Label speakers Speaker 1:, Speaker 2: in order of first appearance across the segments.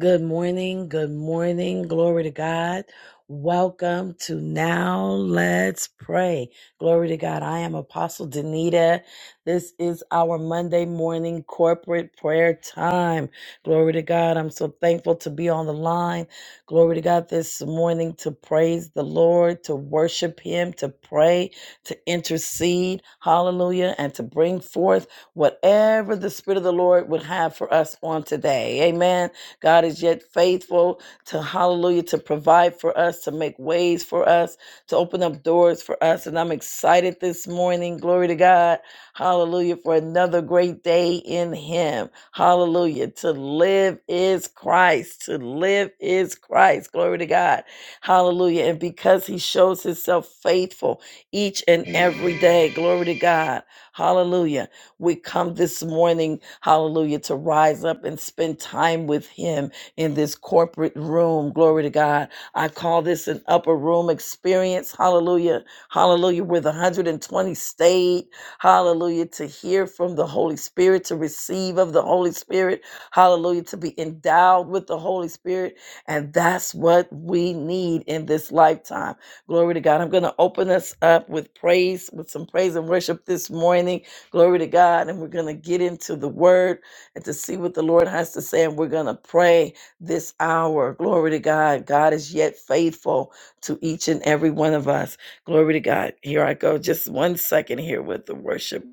Speaker 1: Good morning. Good morning. Glory to God. Welcome to Now Let's Pray. Glory to God. I am Apostle Danita. This is our Monday morning corporate prayer time. Glory to God. I'm so thankful to be on the line. Glory to God this morning to praise the Lord, to worship Him, to pray, to intercede. Hallelujah. And to bring forth whatever the Spirit of the Lord would have for us on today. Amen. God is yet faithful to hallelujah to provide for us, to make ways for us, to open up doors for us. And I'm excited this morning. Glory to God. Hallelujah for another great day in Him. Hallelujah. To live is Christ. To live is Christ. Glory to God. Hallelujah. And because He shows Himself faithful each and every day, glory to God. Hallelujah. We come this morning, hallelujah, to rise up and spend time with Him in this corporate room. Glory to God. I call this an upper room experience. Hallelujah. Hallelujah. Where the 120 stayed. Hallelujah. To hear from the Holy Spirit, to receive of the Holy Spirit. Hallelujah. To be endowed with the Holy Spirit. And that's what we need in this lifetime. Glory to God. I'm going to open us up with praise, with some praise and worship this morning. Glory to God. And we're going to get into the word and to see what the Lord has to say. And we're going to pray this hour. Glory to God. God is yet faithful to each and every one of us. Glory to God. Here I go. Just one second here with the worship.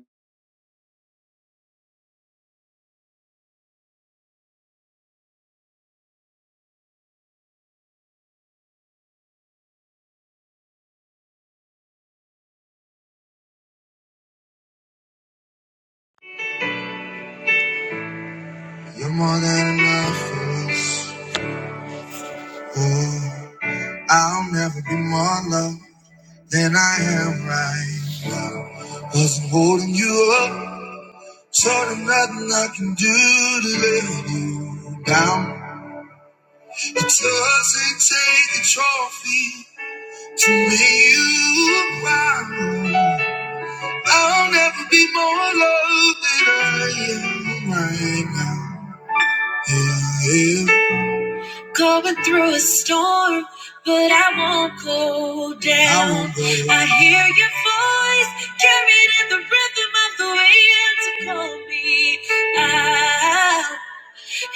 Speaker 1: You're more than enough for us. Oh, I'll never be more loved than I am right now. Wasn't holding you up, so there's nothing I can do to let you down. It doesn't take a trophy to make you proud. I'll never be more loved than I am right now. Yeah, yeah. Going through a storm, but I won't go down. I, won't go down. I hear your voice carried in the rhythm of the wind to call me out.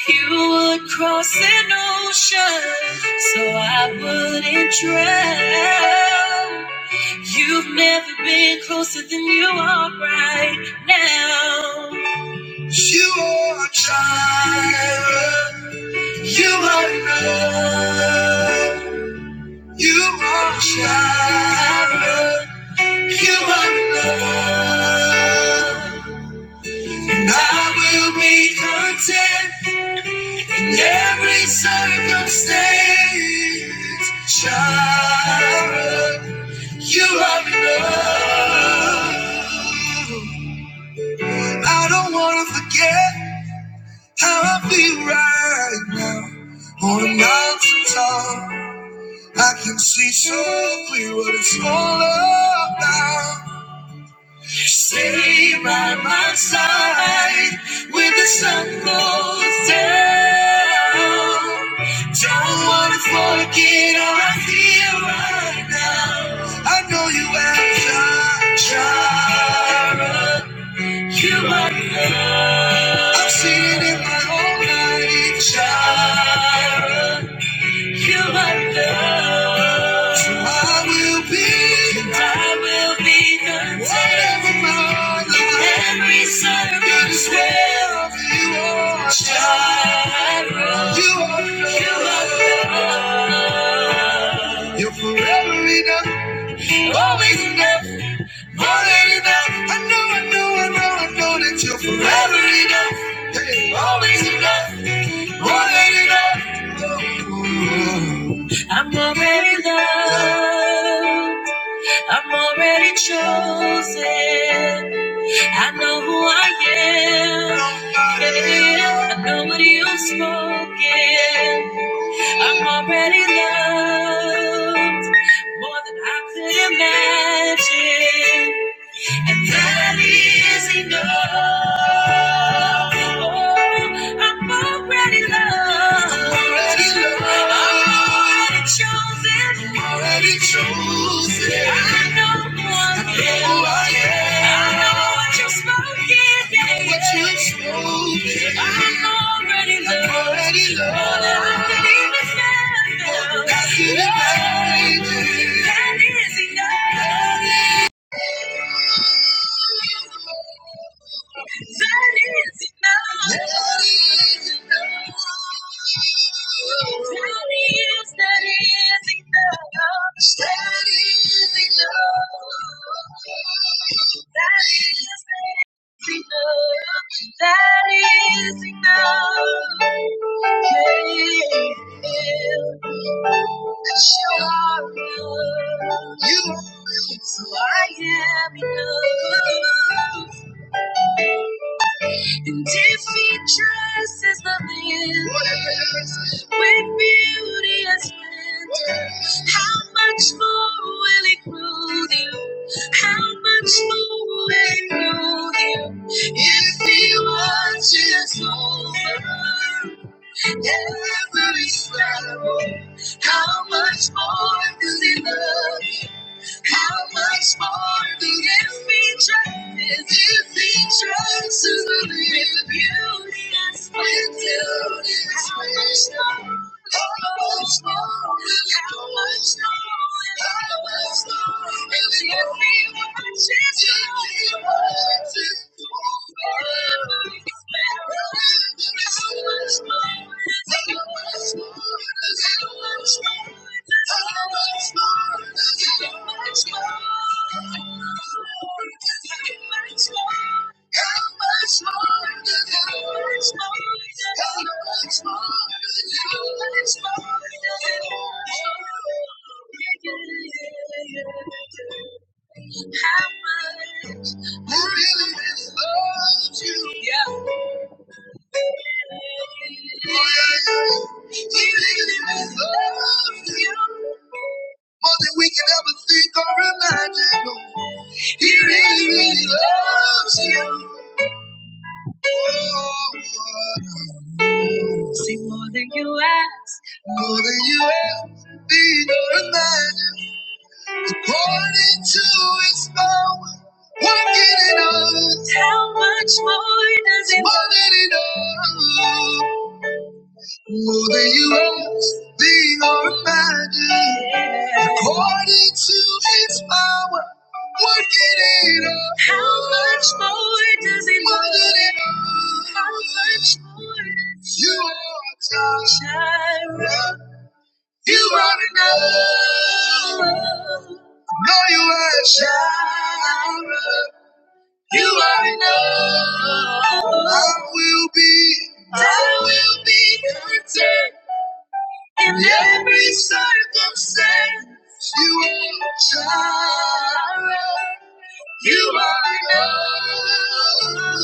Speaker 1: You would cross an ocean so I wouldn't drown. You've never been closer than you are right now. You are a child. You are enough. You are a child. You are enough. And I will be content. In every circumstance, child, you are enough. I don't wanna forget how I feel right now. On a mountain top, I can see so clear what it's all about. Stay by my side when the sun goes down. Don't wanna forget all I feel right now. I know you have Jara. You are love. I've seen it in my own life, Jara. You are love. So I will be. And I will be content. Whatever my life. In every circumstance. You are child. You are You are love. You're forever enough. Always enough. More than enough. I know, I know, I know, I know that you're forever enough. Hey, always enough. More than enough. I'm already loved. I'm already chosen. I know who I am. I know what you've spoken. I'm already loved. More than I could imagine and that is enough. Oh, I'm already loved. Already loved. I'm already chosen. Already chosen. I know who I am. I know who I am. I know what you've spoken. Yeah. I Know What you've spoken. I'm already loved. I'm already loved. All I need is now. All I need is now. That is enough. That is that is enough. Yeah. Cause you are enough. You are. So I am enough. And if he dresses the lilies with beauty and splendor, how much more will he clothe you? How much more will he clothe you? If he watches over Every sorrow. how much more does he love you? How much more do if he trusts, if he trusts to live you? Yes, we do. How much more? How much more? How much more? How much more? if he watches you, he watches you. Every sparrow, how much more? How much I really, really love you. Yeah. More than we can ever think or imagine. Oh, He really, really loves you. Oh, See more than you ask, more than you ever think or imagine. According to His power, working in us. How much more does He? More than enough. More than you ask, think or imagine, according to its power, working in us. How much more does it More than it love? How much more? You are God. Jireh. You are enough. No, you are Jireh. You are enough. I will be. I will be content. In every circumstance, you are child. You are enough.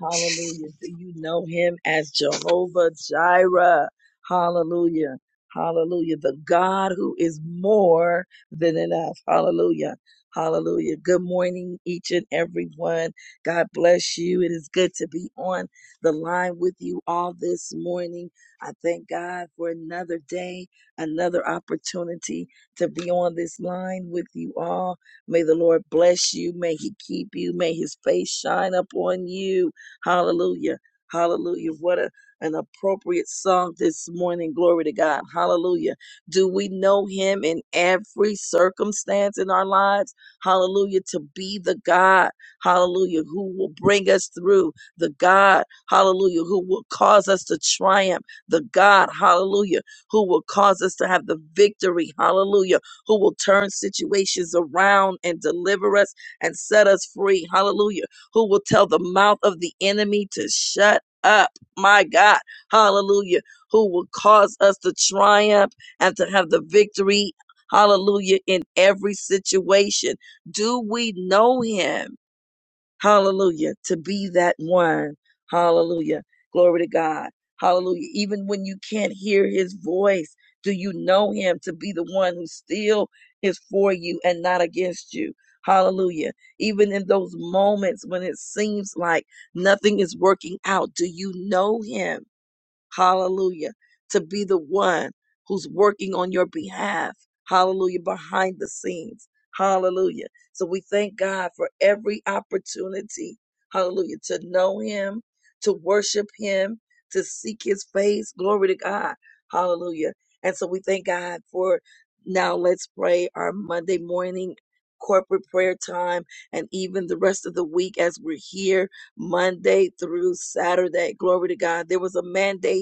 Speaker 1: Hallelujah. Do you know him as Jehovah Jireh? Hallelujah. Hallelujah. The God who is more than enough. Hallelujah. Hallelujah. Good morning, each and every one. God bless you. It is good to be on the line with you all this morning. I thank God for another day, another opportunity to be on this line with you all. May the Lord bless you. May he keep you. May his face shine upon you. Hallelujah. Hallelujah. What a, an appropriate song this morning. Glory to God. Hallelujah. Do we know him in every circumstance in our lives? Hallelujah. To be the God, hallelujah, who will bring us through. The God, hallelujah, who will cause us to triumph. The God, hallelujah, who will cause us to have the victory. Hallelujah. Who will turn situations around and deliver us and set us free. Hallelujah who will tell the mouth of the enemy to shut up. My God, hallelujah, who will cause us to triumph and to have the victory, hallelujah, in every situation. Do we know him? Hallelujah. To be that one. Hallelujah. Glory to God. Hallelujah. Even when you can't hear his voice, do you know him to be the one who still is for you and not against you? Hallelujah. Even in those moments when it seems like nothing is working out, do you know him? Hallelujah. To be the one who's working on your behalf. Hallelujah. Behind the scenes. Hallelujah. So we thank God for every opportunity. Hallelujah. To know him, to worship him, to seek his face. Glory to God. Hallelujah. And so we thank God for now let's pray our Monday morning corporate prayer time and even the rest of the week as we're here Monday through Saturday. Glory to God. There was a mandate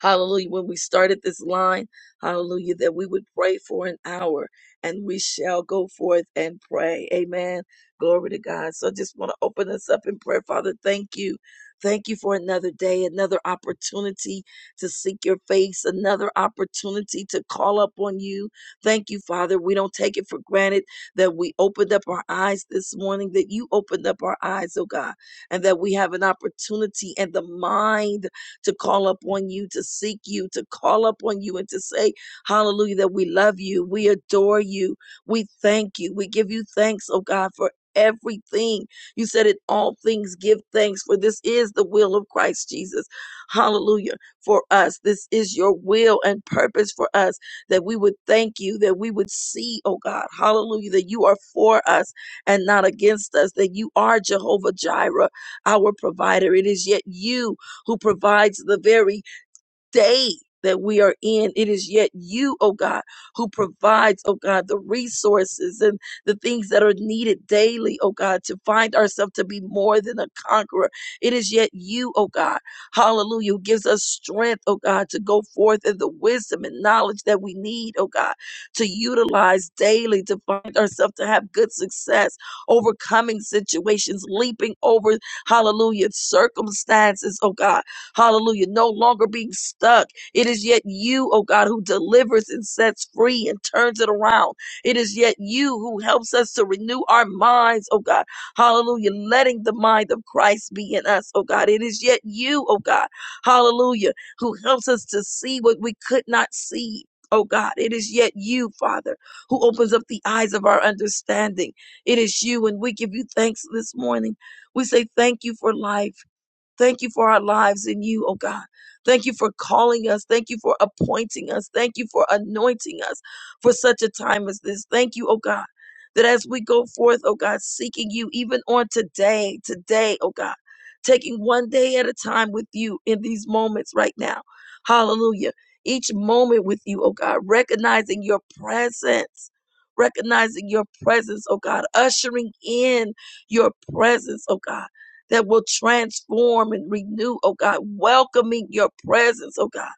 Speaker 1: Hallelujah. When we started this line, hallelujah, that we would pray for an hour and we shall go forth and pray. Amen. Glory to God. So I just want to open us up in prayer. Father, thank you. Thank you for another day, another opportunity to seek your face, another opportunity to call up on you. Thank you, Father. We don't take it for granted that we opened up our eyes this morning, that you opened up our eyes, oh God, and that we have an opportunity and the mind to call upon you, to seek you, to call upon you, and to say, Hallelujah, that we love you, we adore you, we thank you, we give you thanks, oh God, for everything. You said In all things give thanks, for this is the will of Christ Jesus. Hallelujah for us. This is your will and purpose for us that we would thank you, that we would see, oh God, hallelujah, that you are for us and not against us, that you are Jehovah Jireh, our provider. It is yet you who provides the very day that we are in. It is yet you, oh God, who provides, oh God, the resources and the things that are needed daily, oh God, to find ourselves to be more than a conqueror. It is yet you, oh God, hallelujah, who gives us strength, oh God, to go forth in the wisdom and knowledge that we need, oh God, to utilize daily to find ourselves to have good success, overcoming situations, leaping over, hallelujah, circumstances, oh God. Hallelujah. No longer being stuck. It is yet you, oh God, who delivers and sets free and turns it around. It is yet you who helps us to renew our minds, oh God. Hallelujah. Letting the mind of Christ be in us, oh God. It is yet you, oh God. Hallelujah. Who helps us to see what we could not see. Oh God, it is yet you, Father, who opens up the eyes of our understanding. It is you, and we give you thanks this morning. We say thank you for life. Thank you for our lives in you, oh God. Thank you for calling us. Thank you for appointing us. Thank you for anointing us for such a time as this. Thank you, oh God, that as we go forth, oh God, seeking you even on today, today, oh God, taking one day at a time with you in these moments right now. Hallelujah. Each moment with you, oh God, recognizing your presence, recognizing your presence, oh God, ushering in your presence, oh God that will transform and renew, oh God, welcoming your presence, oh God,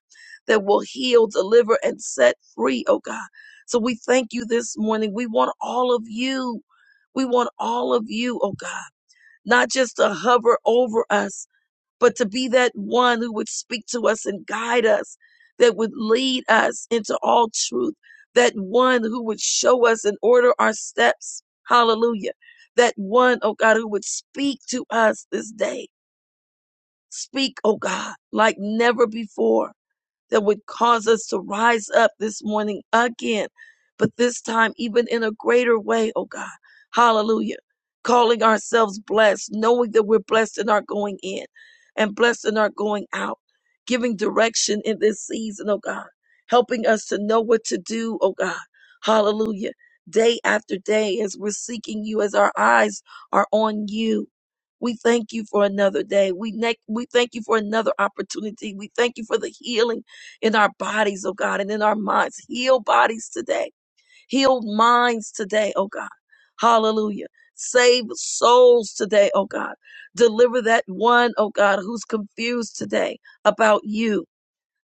Speaker 1: that will heal, deliver, and set free, oh God. So we thank you this morning. We want all of you. We want all of you, oh God, not just to hover over us but to be that one who would speak to us and guide us, that would lead us into all truth, that one who would show us and order our steps. Hallelujah. That one, oh God, who would speak to us this day. Speak, oh God, like never before that would cause us to rise up this morning again, but this time even in a greater way, oh God. Hallelujah. Calling ourselves blessed, knowing that we're blessed in our going in and blessed in our going out, giving direction in this season, oh God, helping us to know what to do, oh God. Hallelujah. Day after day, as we're seeking you, as our eyes are on you. We thank you for another day. We, ne- we thank you for another opportunity. We thank you for the healing in our bodies, oh God, and in our minds. Heal bodies today. Heal minds today, oh God. Hallelujah. Save souls today, oh God. Deliver that one, oh God, who's confused today about you.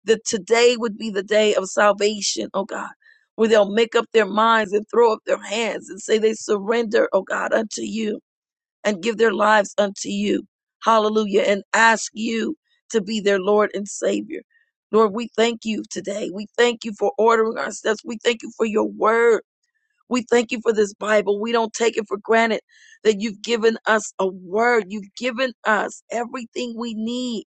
Speaker 1: That today would be the day of salvation, oh God, where they'll make up their minds and throw up their hands and say they surrender, oh God, unto you and give their lives unto you. Hallelujah. And ask you to be their Lord and Savior. Lord, we thank you today. We thank you for ordering our steps. We thank you for your word. We thank you for this Bible. We don't take it for granted that you've given us a word. You've given us everything we need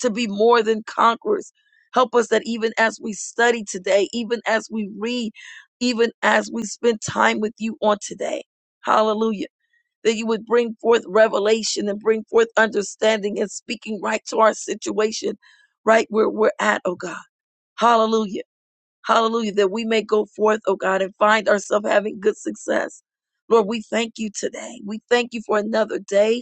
Speaker 1: to be more than conquerors. Help us that even as we study today, even as we read, even as we spend time with you on today. Hallelujah that you would bring forth revelation and bring forth understanding and speaking right to our situation, right where we're at, oh God. Hallelujah. Hallelujah. That we may go forth, oh God, and find ourselves having good success. Lord, we thank you today. We thank you for another day.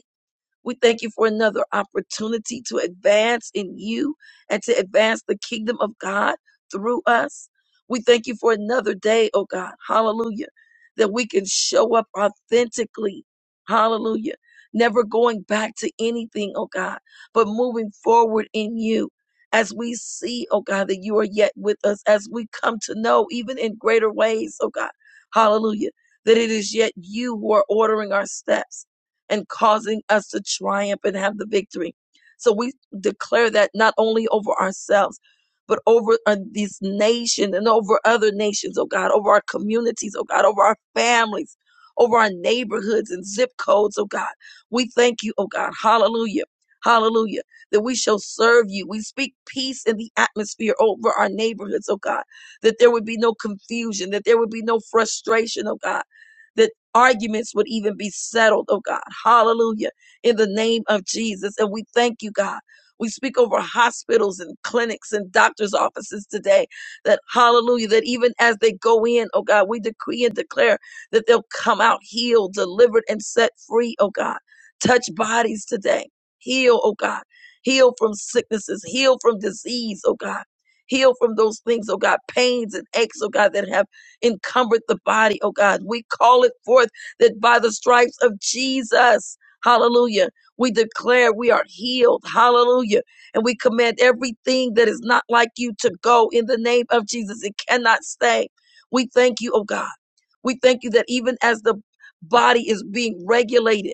Speaker 1: We thank you for another opportunity to advance in you and to advance the kingdom of God through us. We thank you for another day, oh God. Hallelujah. That we can show up authentically. Hallelujah. Never going back to anything, oh God, but moving forward in you as we see, oh God, that you are yet with us, as we come to know even in greater ways, oh God. Hallelujah. That it is yet you who are ordering our steps and causing us to triumph and have the victory. So we declare that not only over ourselves, but over uh, this nation and over other nations, oh God, over our communities, oh God, over our families, over our neighborhoods and zip codes, oh God. We thank you, oh God. Hallelujah. Hallelujah. That we shall serve you. We speak peace in the atmosphere over our neighborhoods, oh God. That there would be no confusion, that there would be no frustration, oh God that arguments would even be settled, oh God. Hallelujah. In the name of Jesus. And we thank you, God. We speak over hospitals and clinics and doctors' offices today that, hallelujah, that even as they go in, oh God, we decree and declare that they'll come out healed, delivered, and set free, oh God. Touch bodies today. Heal, oh God. Heal from sicknesses. Heal from disease, oh God. Heal from those things, oh God, pains and aches, oh God, that have encumbered the body, oh God. We call it forth that by the stripes of Jesus, hallelujah, we declare we are healed, hallelujah. And we command everything that is not like you to go in the name of Jesus. It cannot stay. We thank you, oh God. We thank you that even as the body is being regulated,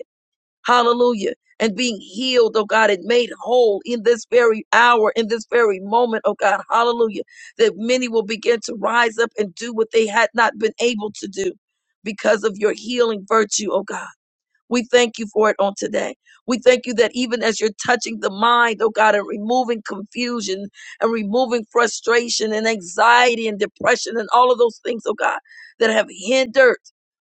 Speaker 1: Hallelujah. And being healed, oh God, and made whole in this very hour, in this very moment, oh God, hallelujah. That many will begin to rise up and do what they had not been able to do because of your healing virtue, oh God. We thank you for it on today. We thank you that even as you're touching the mind, oh God, and removing confusion and removing frustration and anxiety and depression and all of those things, oh God, that have hindered.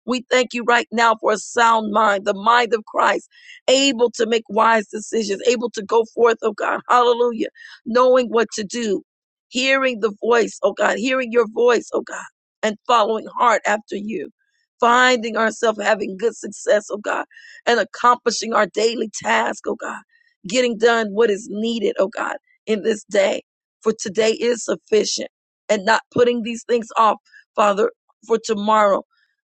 Speaker 1: We thank you right now for a sound mind, the mind of Christ, able to make wise decisions, able to go forth, oh God, hallelujah, knowing what to do, hearing the voice, oh God, hearing your voice, oh God, and following hard after you, finding ourselves having good success, oh God and accomplishing our daily task, oh God, getting done what is needed, oh God, in this day. For today is sufficient and not putting these things off, Father, for tomorrow,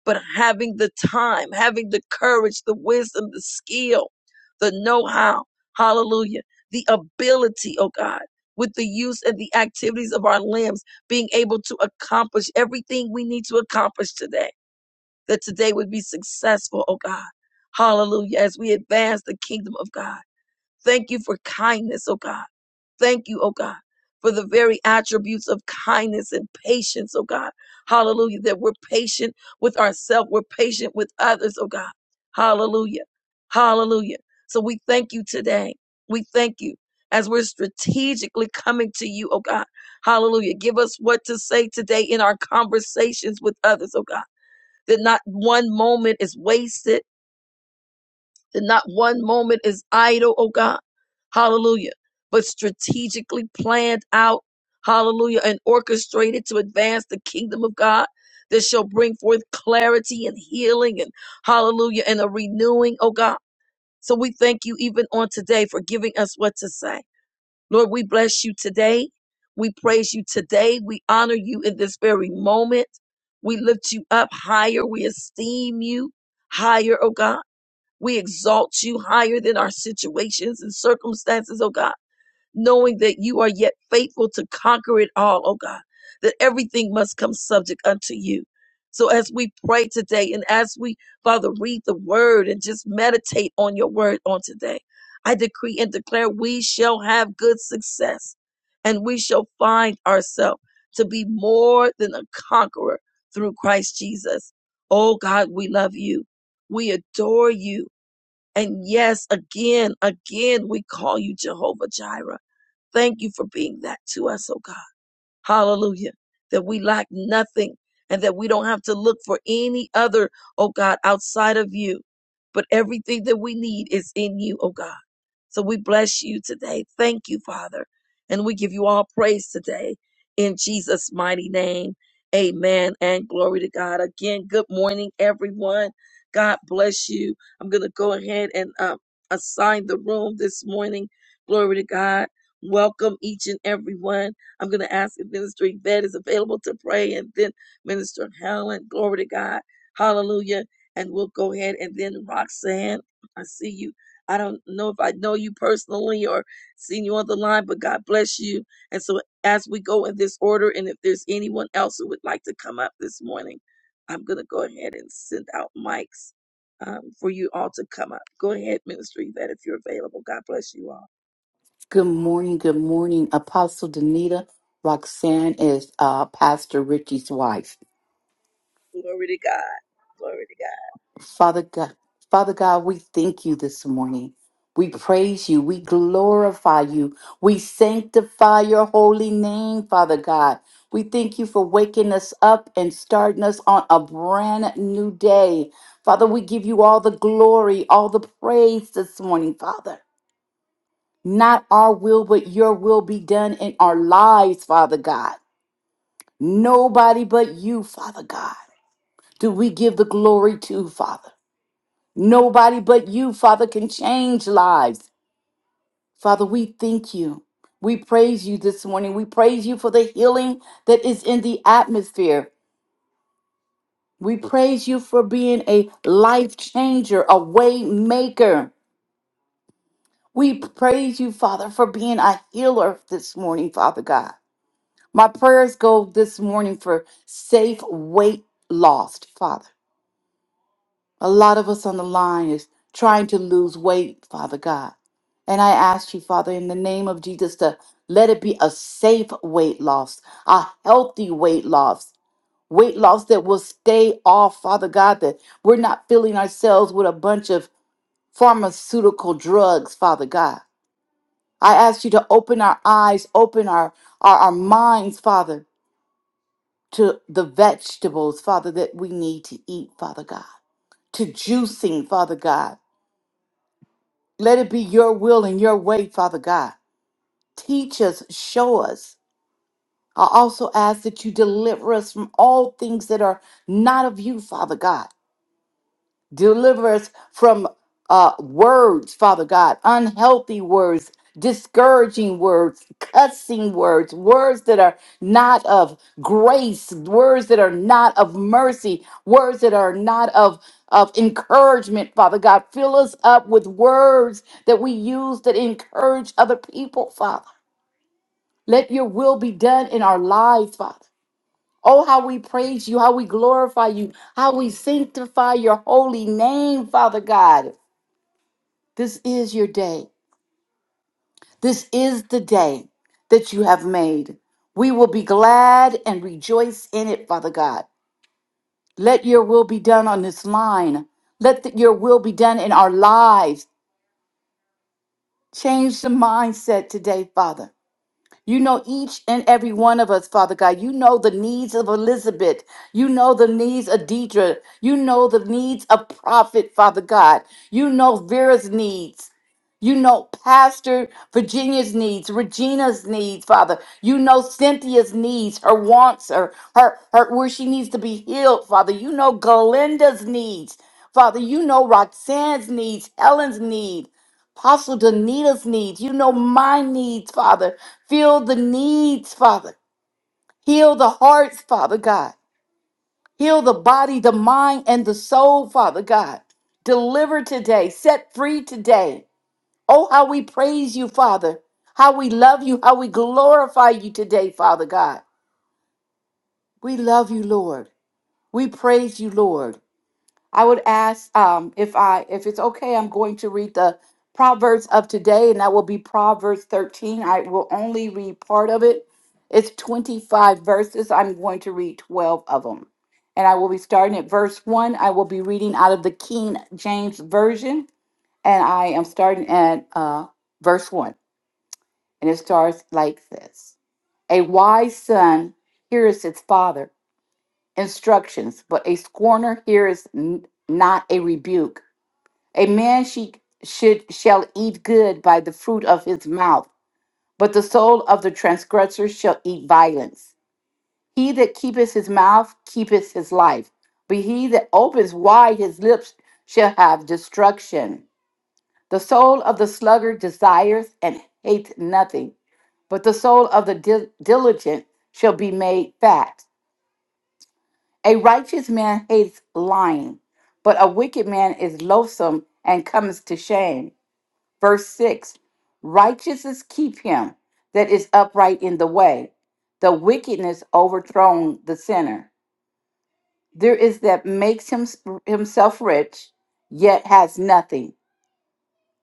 Speaker 1: but having the time, having the courage, the wisdom, the skill, the know how, hallelujah, the ability, oh God, with the use and the activities of our limbs, being able to accomplish everything we need to accomplish today that today would be successful, oh God. Hallelujah. As we advance the kingdom of God. Thank you for kindness, oh God. Thank you, oh God, for the very attributes of kindness and patience, oh God. Hallelujah. That we're patient with ourselves. We're patient with others, oh God. Hallelujah. Hallelujah. So we thank you today. We thank you as we're strategically coming to you, oh God. Hallelujah. Give us what to say today in our conversations with others, oh God that not one moment is wasted, that not one moment is idle, oh God. Hallelujah. But strategically planned out, hallelujah, and orchestrated to advance the kingdom of God that shall bring forth clarity and healing and hallelujah and a renewing, oh God. So we thank you even on today for giving us what to say. Lord, we bless you today. We praise you today. We honor you in this very moment. We lift you up higher. We esteem you higher, oh God. We exalt you higher than our situations and circumstances, oh God knowing that you are yet faithful to conquer it all, oh God, that everything must come subject unto you. So as we pray today and as we, Father, read the word and just meditate on your word on today, I decree and declare we shall have good success and we shall find ourselves to be more than a conqueror through Christ Jesus. Oh God, we love you. We adore you. And yes, again, again, we call you Jehovah Jireh Thank you for being that to us, oh God. Hallelujah. That we lack nothing and that we don't have to look for any other, oh God, outside of you. But everything that we need is in you, oh God. So we bless you today. Thank you, Father. And we give you all praise today in Jesus' mighty name. Amen and glory to God. Again, good morning, everyone. God bless you. I'm going to go ahead and um, assign the room this morning. Glory to God. Welcome each and everyone. I'm going to ask if Minister Yvette is available to pray and then Minister Helen. Glory to God. Hallelujah. And we'll go ahead and then Roxanne, I see you. I don't know if I know you personally or seen you on the line, but God bless you. And so as we go in this order, and if there's anyone else who would like to come up this morning, I'm going to go ahead and send out mics um, for you all to come up. Go ahead, Minister Yvette, if you're available. God bless you all.
Speaker 2: Good morning. Good morning, Apostle Danita. Roxanne is uh, Pastor Richie's wife.
Speaker 1: Glory to God. Glory to God.
Speaker 2: Father God, Father God, we thank you this morning. We praise you. We glorify you. We sanctify your holy name, Father God. We thank you for waking us up and starting us on a brand new day. Father, we give you all the glory, all the praise this morning, Father. Not our will, but your will be done in our lives, Father God. Nobody but you, Father God, do we give the glory to, Father. Nobody but you, Father, can change lives. Father, we thank you. We praise you this morning. We praise you for the healing that is in the atmosphere. We praise you for being a life changer, a way maker. We praise you, Father, for being a healer this morning, Father God. My prayers go this morning for safe weight loss, Father. A lot of us on the line is trying to lose weight, Father God. And I ask you, Father, in the name of Jesus, to let it be a safe weight loss, a healthy weight loss, weight loss that will stay off, Father God, that we're not filling ourselves with a bunch of pharmaceutical drugs, Father God. I ask you to open our eyes, open our, our, our minds, Father, to the vegetables, Father, that we need to eat, Father God, to juicing, Father God Let it be your will and your way, Father God. Teach us, show us. I also ask that you deliver us from all things that are not of you, Father God. Deliver us from uh, words, Father God, unhealthy words, discouraging words, cussing words, words that are not of grace, words that are not of mercy, words that are not of, of encouragement, Father God. Fill us up with words that we use that encourage other people, Father. Let your will be done in our lives, Father. Oh, how we praise you, how we glorify you, how we sanctify your holy name, Father God. This is your day. This is the day that you have made. We will be glad and rejoice in it, Father God. Let your will be done on this line. Let the- your will be done in our lives. Change the mindset today, Father. You know each and every one of us, Father God. You know the needs of Elizabeth. You know the needs of Deidre. You know the needs of Prophet, Father God. You know Vera's needs. You know Pastor Virginia's needs, Regina's needs, Father. You know Cynthia's needs, her wants, her, her, her where she needs to be healed, Father. You know Galinda's needs, Father. You know Roxanne's needs, Helen's need. Apostle Danita's needs. You know my needs, Father. Fill the needs, Father. Heal the hearts, Father God. Heal the body, the mind, and the soul, Father God. Deliver today. Set free today. Oh, how we praise you, Father. How we love you. How we glorify you today, Father God. We love you, Lord. We praise you, Lord. I would ask um, if I if it's okay. I'm going to read the Proverbs of today, and that will be Proverbs 13. I will only read part of it. It's 25 verses. I'm going to read 12 of them, and I will be starting at verse one. I will be reading out of the King James version, and I am starting at uh, verse one, and it starts like this: A wise son hears his father instructions, but a scorner hears n- not a rebuke. A man she should shall eat good by the fruit of his mouth, but the soul of the transgressor shall eat violence. He that keepeth his mouth keepeth his life, but he that opens wide his lips shall have destruction. The soul of the sluggard desireth and hateth nothing, but the soul of the dil- diligent shall be made fat. A righteous man hates lying, but a wicked man is loathsome and comes to shame. Verse 6 Righteousness keep him that is upright in the way, the wickedness overthrown the sinner. There is that makes him, himself rich, yet has nothing.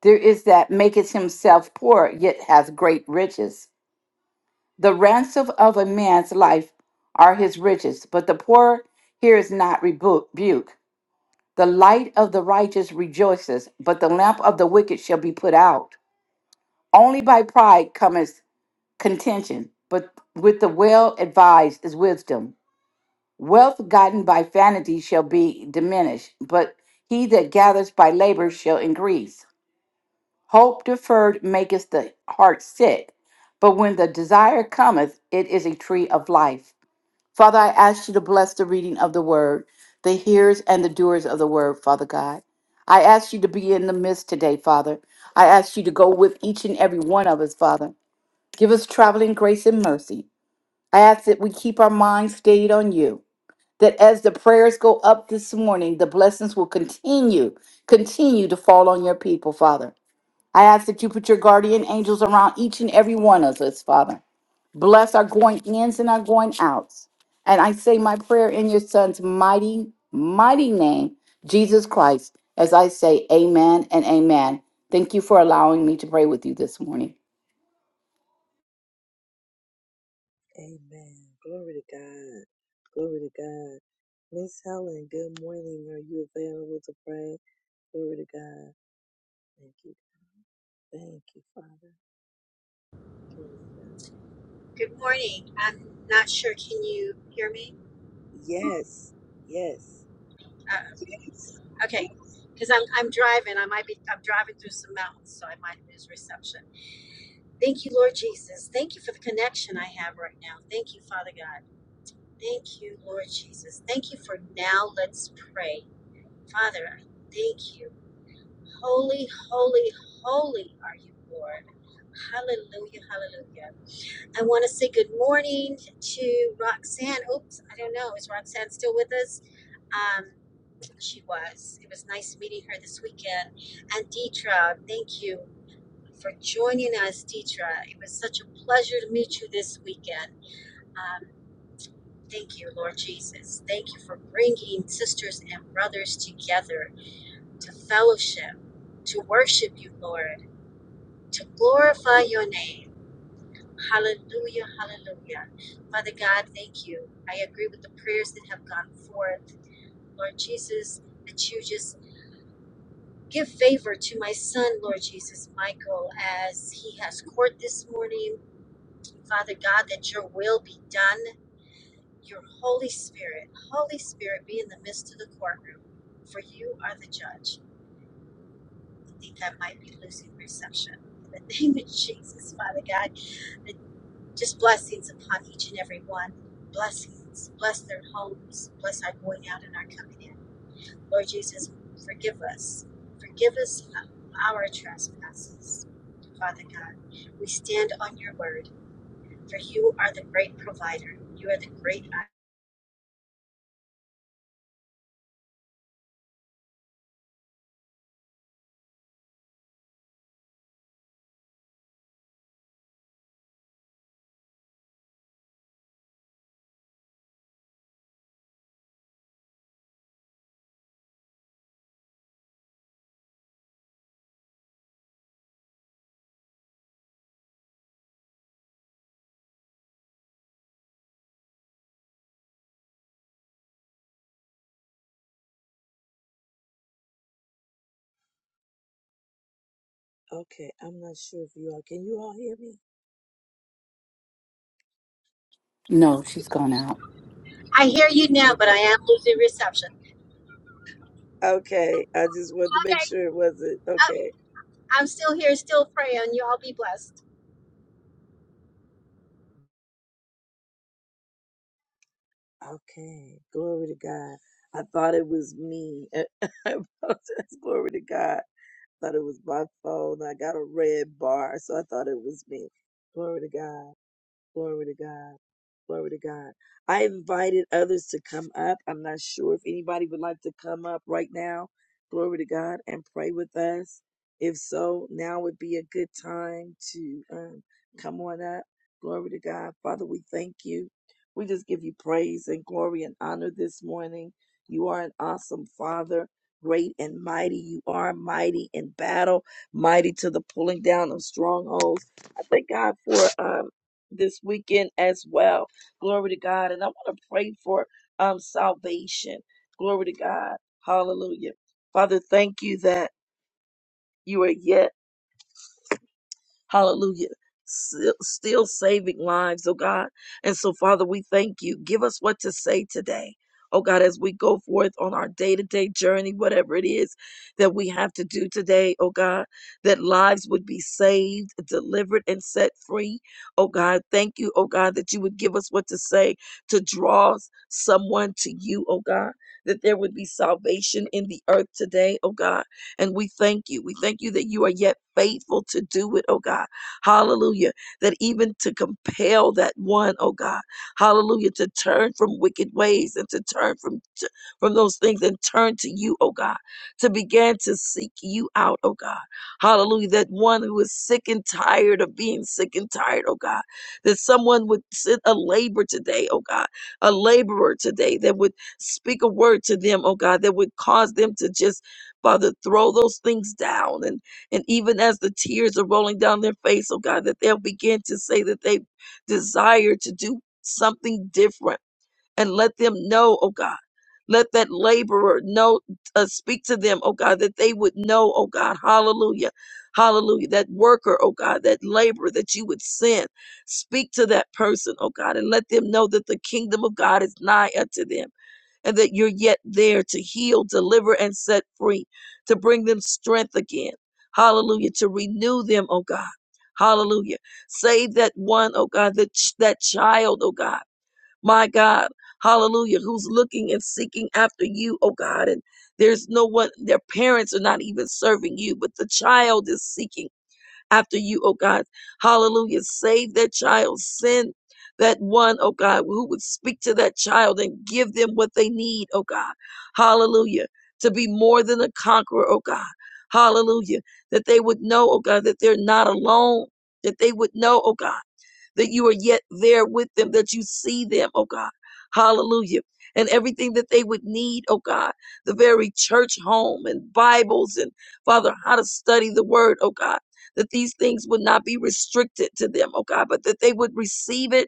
Speaker 2: There is that maketh himself poor, yet hath great riches. The ransom of a man's life are his riches, but the poor hears not rebu- rebuke. The light of the righteous rejoices, but the lamp of the wicked shall be put out. Only by pride cometh contention, but with the well advised is wisdom. Wealth gotten by vanity shall be diminished, but he that gathers by labor shall increase. Hope deferred maketh the heart sick, but when the desire cometh, it is a tree of life. Father, I ask you to bless the reading of the word, the hearers and the doers of the word, Father God. I ask you to be in the midst today, Father. I ask you to go with each and every one of us, Father. Give us traveling grace and mercy I ask that we keep our minds stayed on you, that as the prayers go up this morning, the blessings will continue, continue to fall on your people, Father. I ask that you put your guardian angels around each and every one of us, Father. Bless our going ins and our going outs. And I say my prayer in your son's mighty, mighty name, Jesus Christ, as I say amen and amen. Thank you for allowing me to pray with you this morning.
Speaker 1: Amen. Glory to God. Glory to God. Miss Helen, good morning. Are you available to pray? Glory to God. Thank you. Thank you, Father. Glory to God.
Speaker 3: Good morning. I'm not sure. Can you hear me?
Speaker 1: Yes. Yes.
Speaker 3: Uh, Yes. okay, because I'm I'm driving. I might be. I'm driving through some mountains, so I might lose reception. Thank you, Lord Jesus. Thank you for the connection I have right now. Thank you, Father God. Thank you, Lord Jesus. Thank you for now. Let's pray, Father. I thank you. Holy, holy, holy are you, Lord. Hallelujah, hallelujah. I want to say good morning to Roxanne. Oops, I don't know. Is Roxanne still with us? Um, she was. It was nice meeting her this weekend. And Deetra, thank you for joining us, Deetra. It was such a pleasure to meet you this weekend. Um, thank you, Lord Jesus. Thank you for bringing sisters and brothers together to fellowship, to worship you, Lord, to glorify your name. Hallelujah, hallelujah. Father God, thank you. I agree with the prayers that have gone forth, Lord Jesus, that you just give favor to my son, Lord Jesus, Michael, as he has court this morning. Father God, that your will be done. Your Holy Spirit, Holy Spirit, be in the midst of the courtroom, for you are the judge. I think I might be losing reception. In the name of Jesus, Father God. I Just blessings upon each and every one. Blessings. Bless their homes. Bless our going out and our coming in. Lord Jesus, forgive us. Forgive us our trespasses. Father God, we stand on your word, for you are the great provider. You are the great I.
Speaker 1: Okay. I'm not sure if you all can you all hear me?
Speaker 2: No, she's gone out.
Speaker 3: I hear you now, but
Speaker 1: Okay.
Speaker 3: I am losing reception.
Speaker 1: Okay. I just wanted to make
Speaker 3: Okay,
Speaker 1: sure it wasn't
Speaker 3: I'm
Speaker 1: okay.
Speaker 3: I'm still here, still praying. You all be blessed.
Speaker 1: Okay. Glory to God. I thought it was me. I apologize. Glory to God. thought it was my phone. I got a red bar, so I thought it was me. Glory to God. Glory to God. Glory to God. I invited others to come up. I'm not sure if anybody would like to come up right now. Glory to God and pray with us. If so, now would be a good time to um, come on up. Glory to God. Father, we thank you. We just give you praise and glory and honor this morning. You are an awesome Father, great and mighty. You are mighty in battle, mighty to the pulling down of strongholds. I thank God for um, this weekend as well. Glory to God. And I want to pray for um salvation. Glory to God. Hallelujah. Father, thank you that you are yet Hallelujah. Still still saving lives, oh God. And so, Father, we thank you. Give us what to say today. Oh God, as we go forth on our day to day journey, whatever it is that we have to do today, oh God, that lives would be saved, delivered, and set free. Oh God, thank you, oh God, that you would give us what to say to draw someone to you, oh God, that there would be salvation in the earth today, oh God and we thank you. We thank you that you are yet faithful to do it, oh God. Hallelujah. That even to compel that one, oh God. Hallelujah. To turn from wicked ways and to turn from, t- from those things and turn to you, oh God. To begin to seek you out, oh God. Hallelujah. That one who is sick and tired of being sick and tired, oh God. That someone would send a labor today, oh God. A laborer today that would speak a word to them, oh God, that would cause them to just Father, throw those things down. And, and even as the tears are rolling down their face, oh God, that they'll begin to say that they desire to do something different and let them know, oh God. Let that laborer know, uh, speak to them, oh God, that they would know, oh God, hallelujah, hallelujah, that worker, oh God, that laborer that you would send, speak to that person, oh God, and let them know that the kingdom of God is nigh unto them and that you're yet there to heal, deliver, and set free, to bring them strength again. Hallelujah. To renew them, oh God. Hallelujah. Save that one, oh God, that, ch- that child, oh God. My God. Hallelujah. Who's looking and seeking after you, oh God. And there's no one, their parents are not even serving you, but the child is seeking after you, oh God. Hallelujah. Save that child. Send that one, oh God, who would speak to that child and give them what they need, oh God. Hallelujah. To be more than a conqueror, oh God. Hallelujah. That they would know, oh God, that they're not alone. That they would know, oh God that you are yet there with them, that you see them, oh God. Hallelujah. And everything that they would need, oh God, the very church home and Bibles and Father, how to study the word, oh God, that these things would not be restricted to them, oh God, but that they would receive it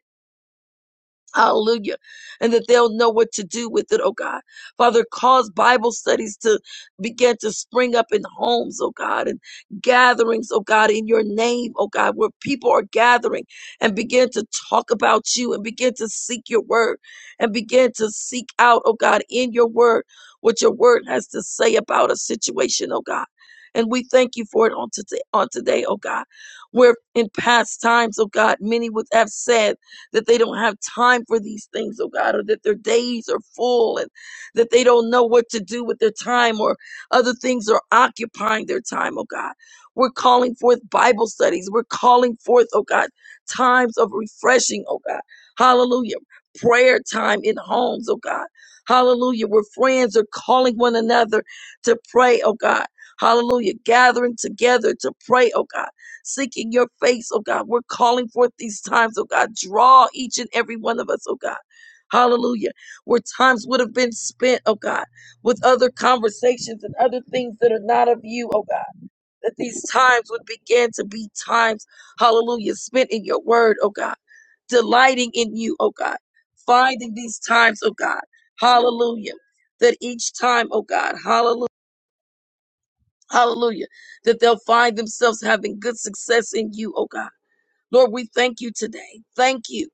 Speaker 1: Hallelujah. And that they'll know what to do with it, oh God. Father, cause Bible studies to begin to spring up in homes, oh God, and gatherings, oh God, in your name, oh God, where people are gathering and begin to talk about you and begin to seek your word and begin to seek out, oh God, in your word, what your word has to say about a situation, oh God. And we thank you for it on today, on today, oh God. Where in past times, oh God, many would have said, that they don't have time for these things, oh God, or that their days are full and that they don't know what to do with their time or other things are occupying their time, oh God. We're calling forth Bible studies. We're calling forth, oh God, times of refreshing, oh God. Hallelujah. Prayer time in homes, oh God. Hallelujah. Where friends are calling one another to pray, oh God. Hallelujah. Gathering together to pray, oh God seeking your face, oh God. We're calling forth these times, oh God. Draw each and every one of us, oh God. Hallelujah. Where times would have been spent, oh God, with other conversations and other things that are not of you, oh God. That these times would begin to be times, hallelujah, spent in your word, oh God. Delighting in you, oh God. Finding these times, oh God. Hallelujah. That each time, oh God, hallelujah. Hallelujah. That they'll find themselves having good success in you, oh God Lord, we thank you today. Thank you.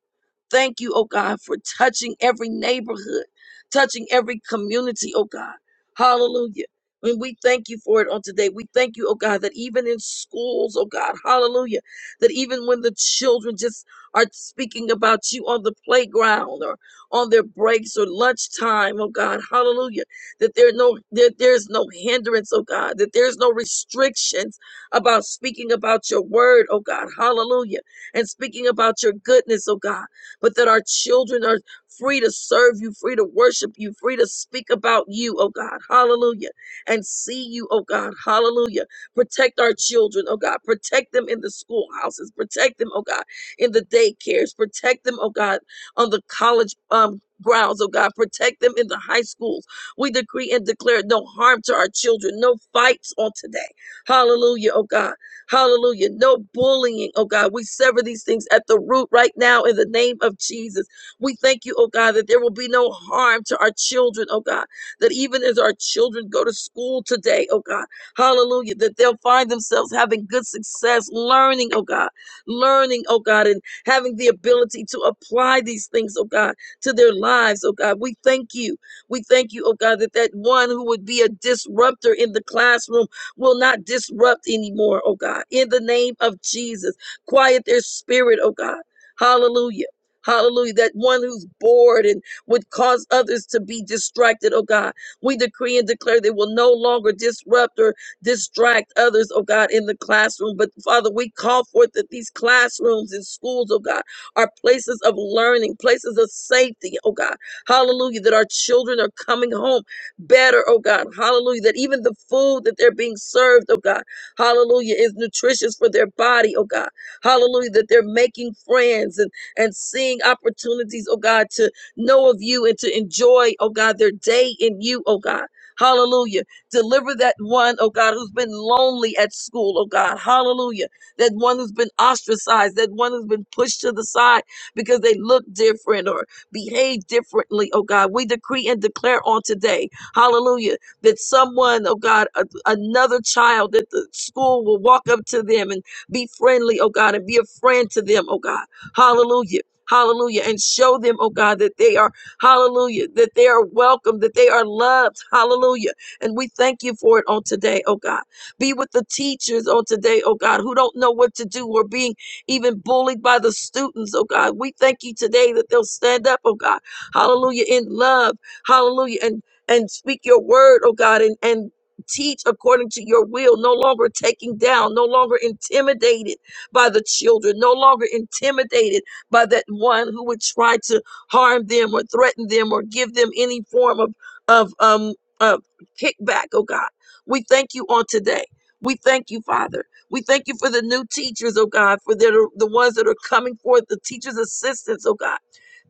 Speaker 1: Thank you, oh God, for touching every neighborhood, touching every community, oh God. Hallelujah. And we thank you for it on today. We thank you, oh God, that even in schools, oh God, hallelujah, that even when the children just are speaking about you on the playground or on their breaks or lunchtime, oh God, hallelujah, that there no there, there's no hindrance, oh God, that there's no restrictions about speaking about your word, oh God, hallelujah, and speaking about your goodness, oh God but that our children are free to serve you, free to worship you, free to speak about you, oh God, hallelujah, and see you, oh God, hallelujah. Protect our children, oh God, protect them in the schoolhouses, protect them, oh God, in the daycares, protect them, oh God, on the college um, grounds, oh God, protect them in the high schools. We decree and declare no harm to our children, no fights on today. Hallelujah, oh God. Hallelujah. No bullying, oh God. We sever these things at the root right now in the name of Jesus. We thank you, oh God, that there will be no harm to our children, oh God. That even as our children go to school today, oh God, hallelujah, that they'll find themselves having good success, learning, oh God, learning, oh God, and having the ability to apply these things, oh God, to their lives, oh God. We thank you. We thank you, oh God, that that one who would be a disruptor in the classroom will not disrupt anymore, oh God. In the name of Jesus, quiet their spirit, oh God. Hallelujah. Hallelujah. That one who's bored and would cause others to be distracted, oh God. We decree and declare they will no longer disrupt or distract others, oh God, in the classroom. But Father, we call forth that these classrooms and schools, oh God, are places of learning, places of safety, oh God. Hallelujah. That our children are coming home better, oh God. Hallelujah. That even the food that they're being served, oh God, hallelujah, is nutritious for their body, oh God. Hallelujah. That they're making friends and, and seeing opportunities, oh God, to know of you and to enjoy, oh God, their day in you, oh God. Hallelujah. Deliver that one, oh God, who's been lonely at school, oh God. Hallelujah. That one who's been ostracized, that one who's been pushed to the side because they look different or behave differently, oh God. We decree and declare on today Hallelujah. That someone, oh God, a, another child at the school will walk up to them and be friendly, oh God, and be a friend to them, oh God. Hallelujah. Hallelujah. And show them, oh God, that they are, hallelujah, that they are welcome, that they are loved. Hallelujah. And we thank you for it on today, oh God. Be with the teachers on today, oh God, who don't know what to do or being even bullied by the students, oh God. We thank you today that they'll stand up, oh God. Hallelujah. In love. Hallelujah. And and speak your word, oh God, and, and teach according to your will, no longer taking down, no longer intimidated by the children, no longer intimidated by that one who would try to harm them or threaten them or give them any form of, of um of kickback, oh God. We thank you on today. We thank you, Father. We thank you for the new teachers, oh God, for that are the ones that are coming forth, the teachers' assistants, oh God,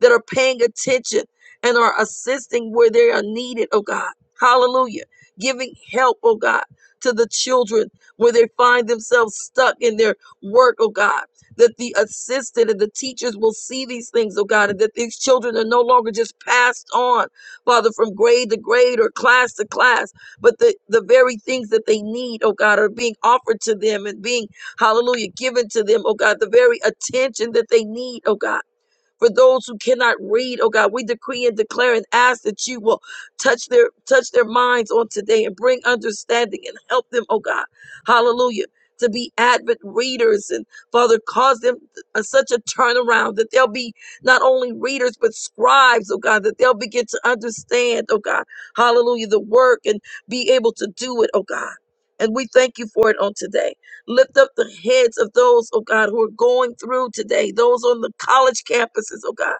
Speaker 1: that are paying attention and are assisting where they are needed, oh God. Hallelujah. Giving help, oh God, to the children where they find themselves stuck in their work, oh God. That the assistant and the teachers will see these things, oh God, and that these children are no longer just passed on, Father, from grade to grade or class to class, but the, the very things that they need, oh God, are being offered to them and being, hallelujah, given to them, oh God, the very attention that they need, oh God for those who cannot read, oh God, we decree and declare and ask that you will touch their touch their minds on today and bring understanding and help them, oh God. Hallelujah. To be avid readers and Father, cause them a, such a turnaround that they'll be not only readers but scribes, oh God, that they'll begin to understand, oh God, hallelujah, the work and be able to do it, oh God. And we thank you for it on today. Lift up the heads of those, oh God, who are going through today, those on the college campuses, oh God,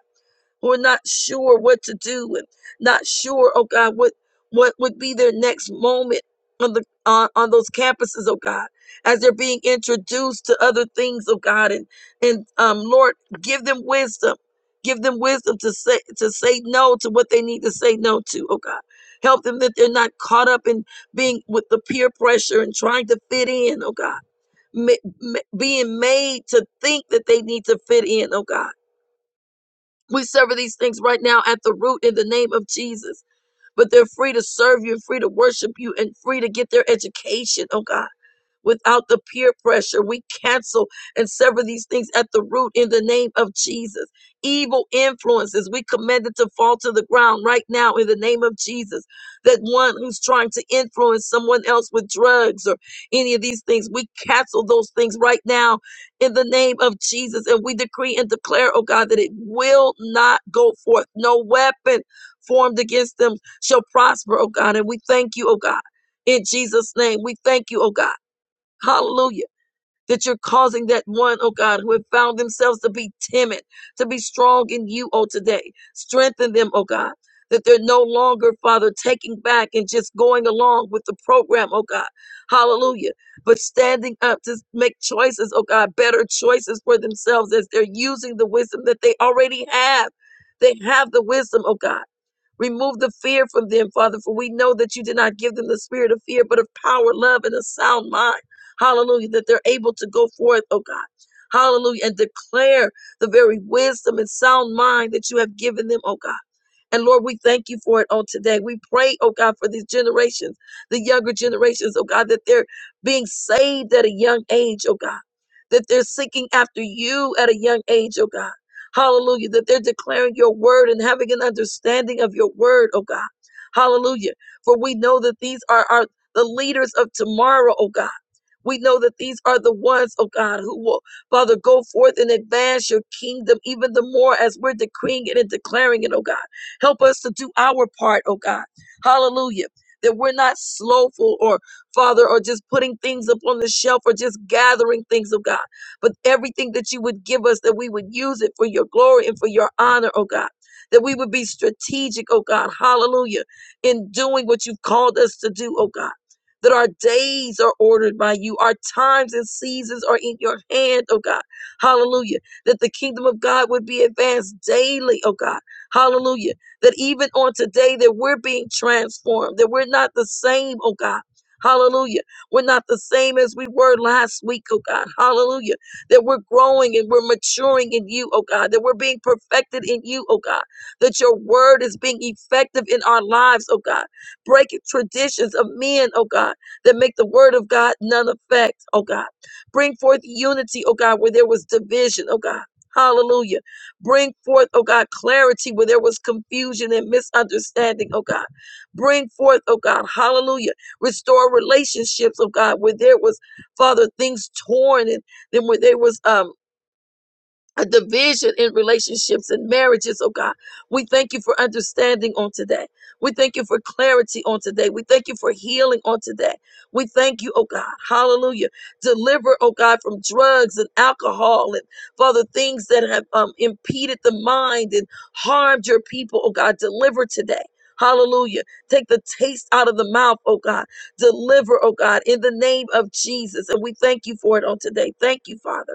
Speaker 1: who are not sure what to do and not sure, oh God, what what would be their next moment on the on, on those campuses, oh God, as they're being introduced to other things, oh God, and and um Lord, give them wisdom. Give them wisdom to say to say no to what they need to say no to, oh God. Help them that they're not caught up in being with the peer pressure and trying to fit in, oh God ma- ma- being made to think that they need to fit in, oh God. We sever these things right now at the root in the name of Jesus. But they're free to serve you and free to worship you and free to get their education, oh God without the peer pressure. We cancel and sever these things at the root in the name of Jesus. Evil influences, we command it to fall to the ground right now in the name of Jesus. That one who's trying to influence someone else with drugs or any of these things, we cancel those things right now in the name of Jesus. And we decree and declare, oh God, that it will not go forth. No weapon formed against them shall prosper, oh God. And we thank you, oh God. In Jesus' name, we thank you, oh God. Hallelujah. That you're causing that one, oh God, who have found themselves to be timid, to be strong in you, oh today. Strengthen them, oh God. That they're no longer, Father, taking back and just going along with the program, oh God. Hallelujah. But standing up to make choices, oh God, better choices for themselves as they're using the wisdom that they already have. They have the wisdom, oh God Remove the fear from them, Father, for we know that you did not give them the spirit of fear, but of power, love, and a sound mind. Hallelujah. That they're able to go forth, oh God. Hallelujah. And declare the very wisdom and sound mind that you have given them, oh God. And Lord, we thank you for it on today. We pray, oh God, for these generations, the younger generations, oh God, that they're being saved at a young age, oh God. That they're seeking after you at a young age, oh God Hallelujah. That they're declaring your word and having an understanding of your word, oh God. Hallelujah. For we know that these are are the leaders of tomorrow, oh God. We know that these are the ones, oh God, who will, Father, go forth and advance your kingdom even the more as we're decreeing it and declaring it, oh God. Help us to do our part, oh God. Hallelujah. That we're not slowful or, Father, or just putting things up on the shelf or just gathering things, oh God but everything that you would give us, that we would use it for your glory and for your honor, oh God. That we would be strategic, oh God, hallelujah, in doing what you've called us to do, oh God. That our days are ordered by you, our times and seasons are in your hand, oh God, hallelujah. That the kingdom of God would be advanced daily, oh God, hallelujah that even on today that we're being transformed that we're not the same oh god hallelujah we're not the same as we were last week oh god hallelujah that we're growing and we're maturing in you, oh God, that we're being perfected in you, oh God, that your word is being effective in our lives, oh God. Break traditions of men, oh God, that make the word of God none effect, oh God. Bring forth unity, oh God, where there was division, oh God. Hallelujah. Bring forth, oh God, clarity where there was confusion and misunderstanding, oh God. Bring forth, oh God, hallelujah. Restore relationships, oh God, where there was, Father, things torn and. Then when there was um a division in relationships and marriages, oh God, we thank you for understanding on today. We thank you for clarity on today. We thank you for healing on today. We thank you, oh God, hallelujah. Deliver, oh God, from drugs and alcohol and Father, things that have um, impeded the mind and harmed your people, oh God, deliver today. Hallelujah. Take the taste out of the mouth, oh God. Deliver, oh God, in the name of Jesus. And we thank you for it on today. Thank you, Father.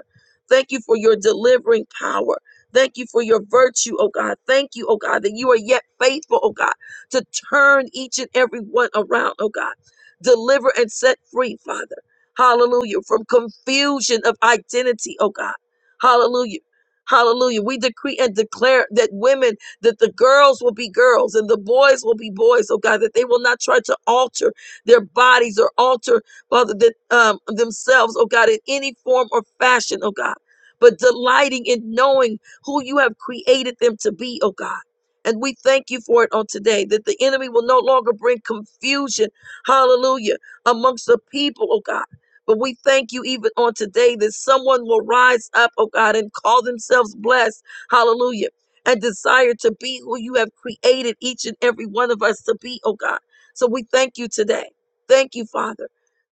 Speaker 1: Thank you for your delivering power. Thank you for your virtue, oh God. Thank you, oh God, that you are yet faithful, oh God, to turn each and every one around, oh God. Deliver and set free, Father. Hallelujah. From confusion of identity, oh God. Hallelujah. Hallelujah. We decree and declare that women, that the girls will be girls and the boys will be boys, oh God, that they will not try to alter their bodies or alter, Father, that, um, themselves, oh God, in any form or fashion, oh God but delighting in knowing who you have created them to be, oh God. And we thank you for it on today that the enemy will no longer bring confusion, hallelujah, amongst the people, oh God. But we thank you even on today that someone will rise up, oh God, and call themselves blessed, hallelujah, and desire to be who you have created each and every one of us to be, oh God. So we thank you today. Thank you, Father.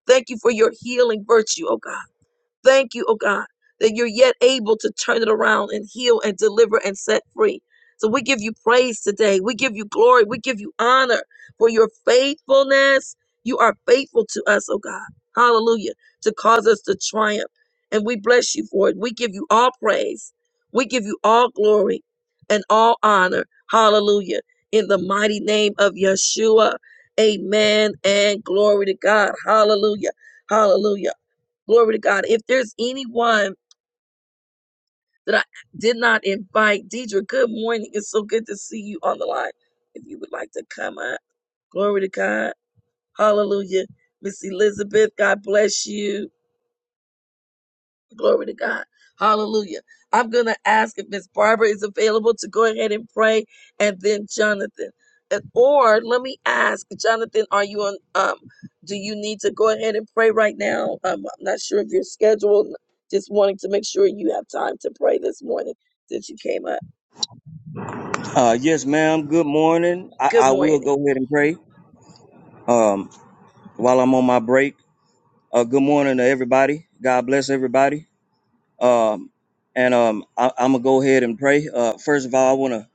Speaker 1: Thank you for your healing virtue, oh God. Thank you, oh God, that you're yet able to turn it around and heal and deliver and set free. So we give you praise today. We give you glory. We give you honor for your faithfulness. You are faithful to us, oh God. Hallelujah. To cause us to triumph. And we bless you for it. We give you all praise. We give you all glory and all honor. Hallelujah. In the mighty name of Yeshua. Amen and glory to God. Hallelujah. Hallelujah. Glory to God. If there's anyone that I did not invite, Deidre, good morning. It's so good to see you on the line. If you would like to come up, glory to God. Hallelujah. Miss Elizabeth, God bless you. Glory to God. Hallelujah. I'm going to ask if Miss Barbara is available to go ahead and pray, and then Jonathan. And- Or let me ask, Jonathan, are you on? Um, do you need to go ahead and pray right now? Um, I'm not sure if you're scheduled. Just wanting to make sure you have time to pray this morning since you came up.
Speaker 4: Uh, yes, ma'am. Good morning. I,
Speaker 1: Good
Speaker 4: I will
Speaker 1: morning.
Speaker 4: go ahead and pray um, while I'm on my break. Uh, good morning to everybody. God bless everybody. Um, and um, I, I'm gonna go ahead and pray. Uh, first of all, I wanna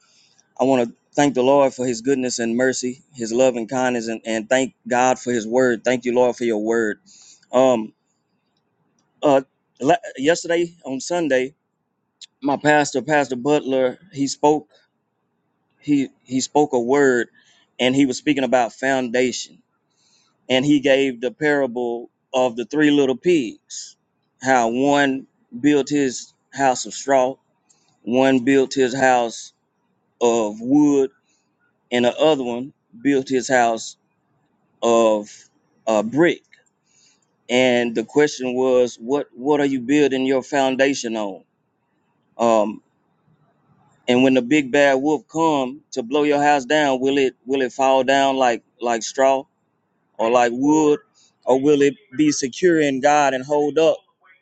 Speaker 4: I wanna thank the Lord for His goodness and mercy, His love and kindness, and, and thank God for His word. Thank you, Lord, for Your word. Um, uh, la- yesterday on Sunday, my pastor, Pastor Butler, he spoke he he spoke a word, and he was speaking about foundation and he gave the parable of the three little pigs how one built his house of straw one built his house of wood and the other one built his house of uh, brick and the question was what what are you building your foundation on um and when the big bad wolf come to blow your house down will it will it fall down like like straw or like wood, or will it be secure in God and hold up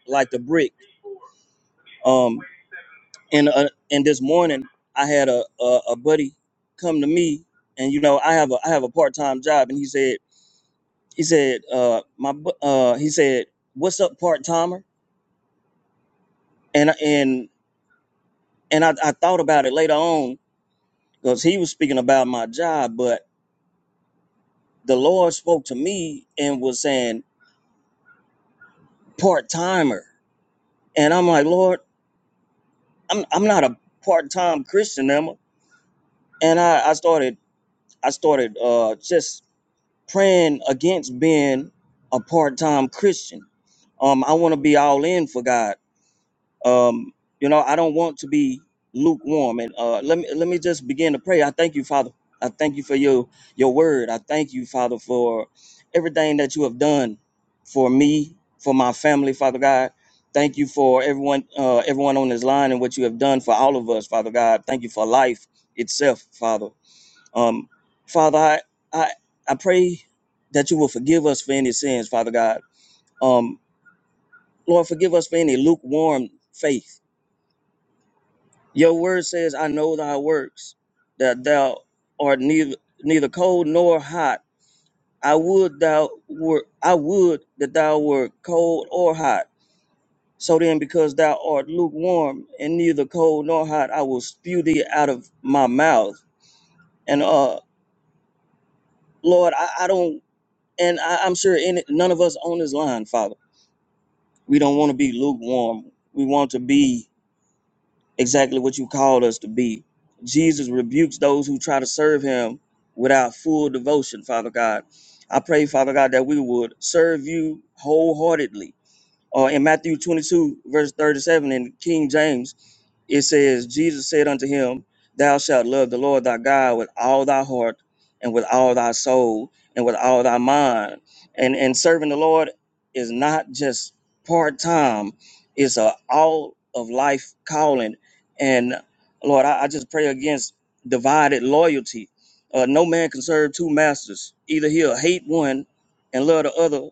Speaker 4: like the brick? Um, and uh, and this morning I had a, a a buddy come to me, and you know I have a I have a part time job, and he said he said uh my bu- uh he said what's up part timer, and I- and and I, I thought about it later on because he was speaking about my job, but the Lord spoke to me and was saying part timer, and I'm like Lord, I'm I'm not a part time Christian, am I? and I, I started I started uh, just praying against being a part time Christian. Um, I want to be all in for God. Um, you know, I don't want to be lukewarm. And uh, let me let me just begin to pray. I thank you, Father. I thank you for your your word. I thank you, Father, for everything that you have done for me, for my family, Father God. Thank you for everyone, uh, everyone on this line, and what you have done for all of us, Father God. Thank you for life itself, Father. Um, Father, I, I I pray that you will forgive us for any sins, Father God. Um, Lord, forgive us for any lukewarm faith. Your word says, "I know thy works, that thou art neither neither cold nor hot. I would thou were I would that thou were cold or hot. So then, because thou art lukewarm and neither cold nor hot, I will spew thee out of my mouth." And uh, Lord, I, I don't And I, I'm sure any, none of us on this line, Father, we don't want to be lukewarm. We want to be exactly what you called us to be. Jesus rebukes those who try to serve him without full devotion, Father God. I pray, Father God, that we would serve you wholeheartedly. Or in Matthew 22, verse 37 in King James, it says, Jesus said unto him, Thou shalt love the Lord thy God with all thy heart and with all thy soul and with all thy mind. And and serving the Lord is not just part time, it's a all of life calling. And Lord, I, I just pray against divided loyalty. Uh, no man can serve two masters. Either he'll hate one and love the other,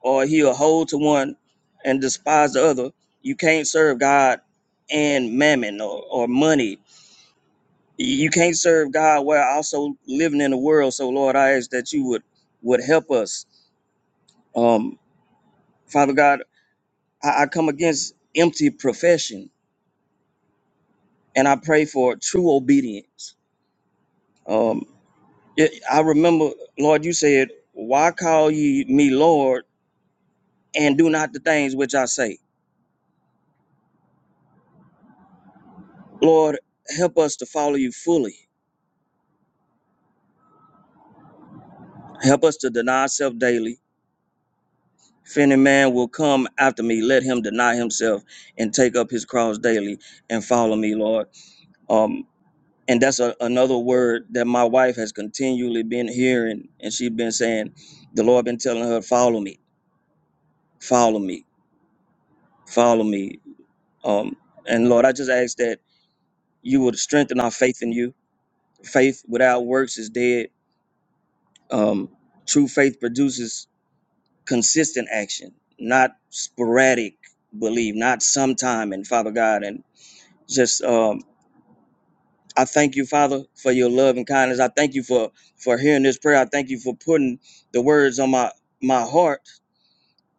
Speaker 4: or he'll hold to one and despise the other. You can't serve God and mammon or, or money. You can't serve God while also living in the world. So Lord, I ask that you would would help us. Um, Father God, I, I come against empty profession and I pray for true obedience. Um, it- I remember, Lord, you said, Why call ye me Lord and do not the things which I say? Lord, help us to follow you fully Help us to deny ourselves daily. If any man will come after me, let him deny himself and take up his cross daily and follow me, Lord. Um, and that's a, another word that my wife has continually been hearing, and she's been saying, the Lord been telling her, follow me, follow me, follow me. Um, and Lord, I just ask that you would strengthen our faith in you. Faith without works is dead. Um, true faith produces consistent action, not sporadic belief, not sometime. And Father God, and just um, I thank you, Father, for your love and kindness. I thank you for for hearing this prayer. I thank you for putting the words on my my heart,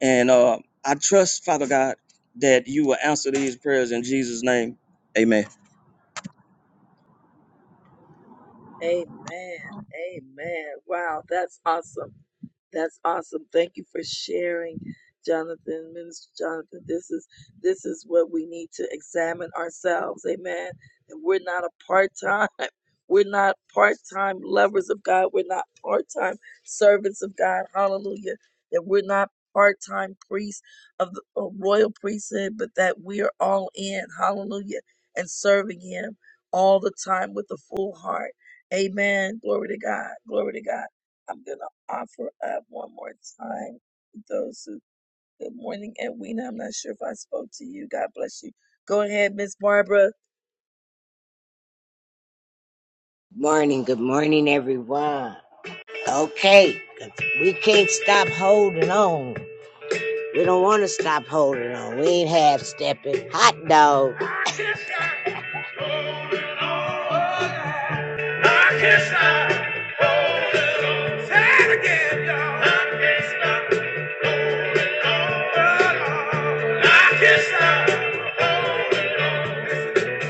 Speaker 4: and uh, I trust, Father God, that you will answer these prayers in Jesus' name. Amen.
Speaker 1: Amen. Amen. Wow, that's awesome. That's awesome. Thank you for sharing, Jonathan, Minister Jonathan. This is this is what we need to examine ourselves. Amen. And we're not a part-time. We're not part-time lovers of God. We're not part-time servants of God. Hallelujah. That we're not part-time priests of the a royal priesthood, but that we are all in. Hallelujah. And serving him all the time with a full heart Amen. Glory to God. Glory to God. I'm going to offer up one more time those who, good morning, Edwina. I'm not sure if I spoke to you. God bless you. Go ahead, Miss Barbara.
Speaker 5: Morning, good morning, everyone. Okay, 'cause we can't stop holding on. We don't want to stop holding on. We ain't half stepping. Hot dog. I can't stop holding on. I can't stop holding on. Say it again, y'all. I can't stop holding on. I can't stop holding on. Listen,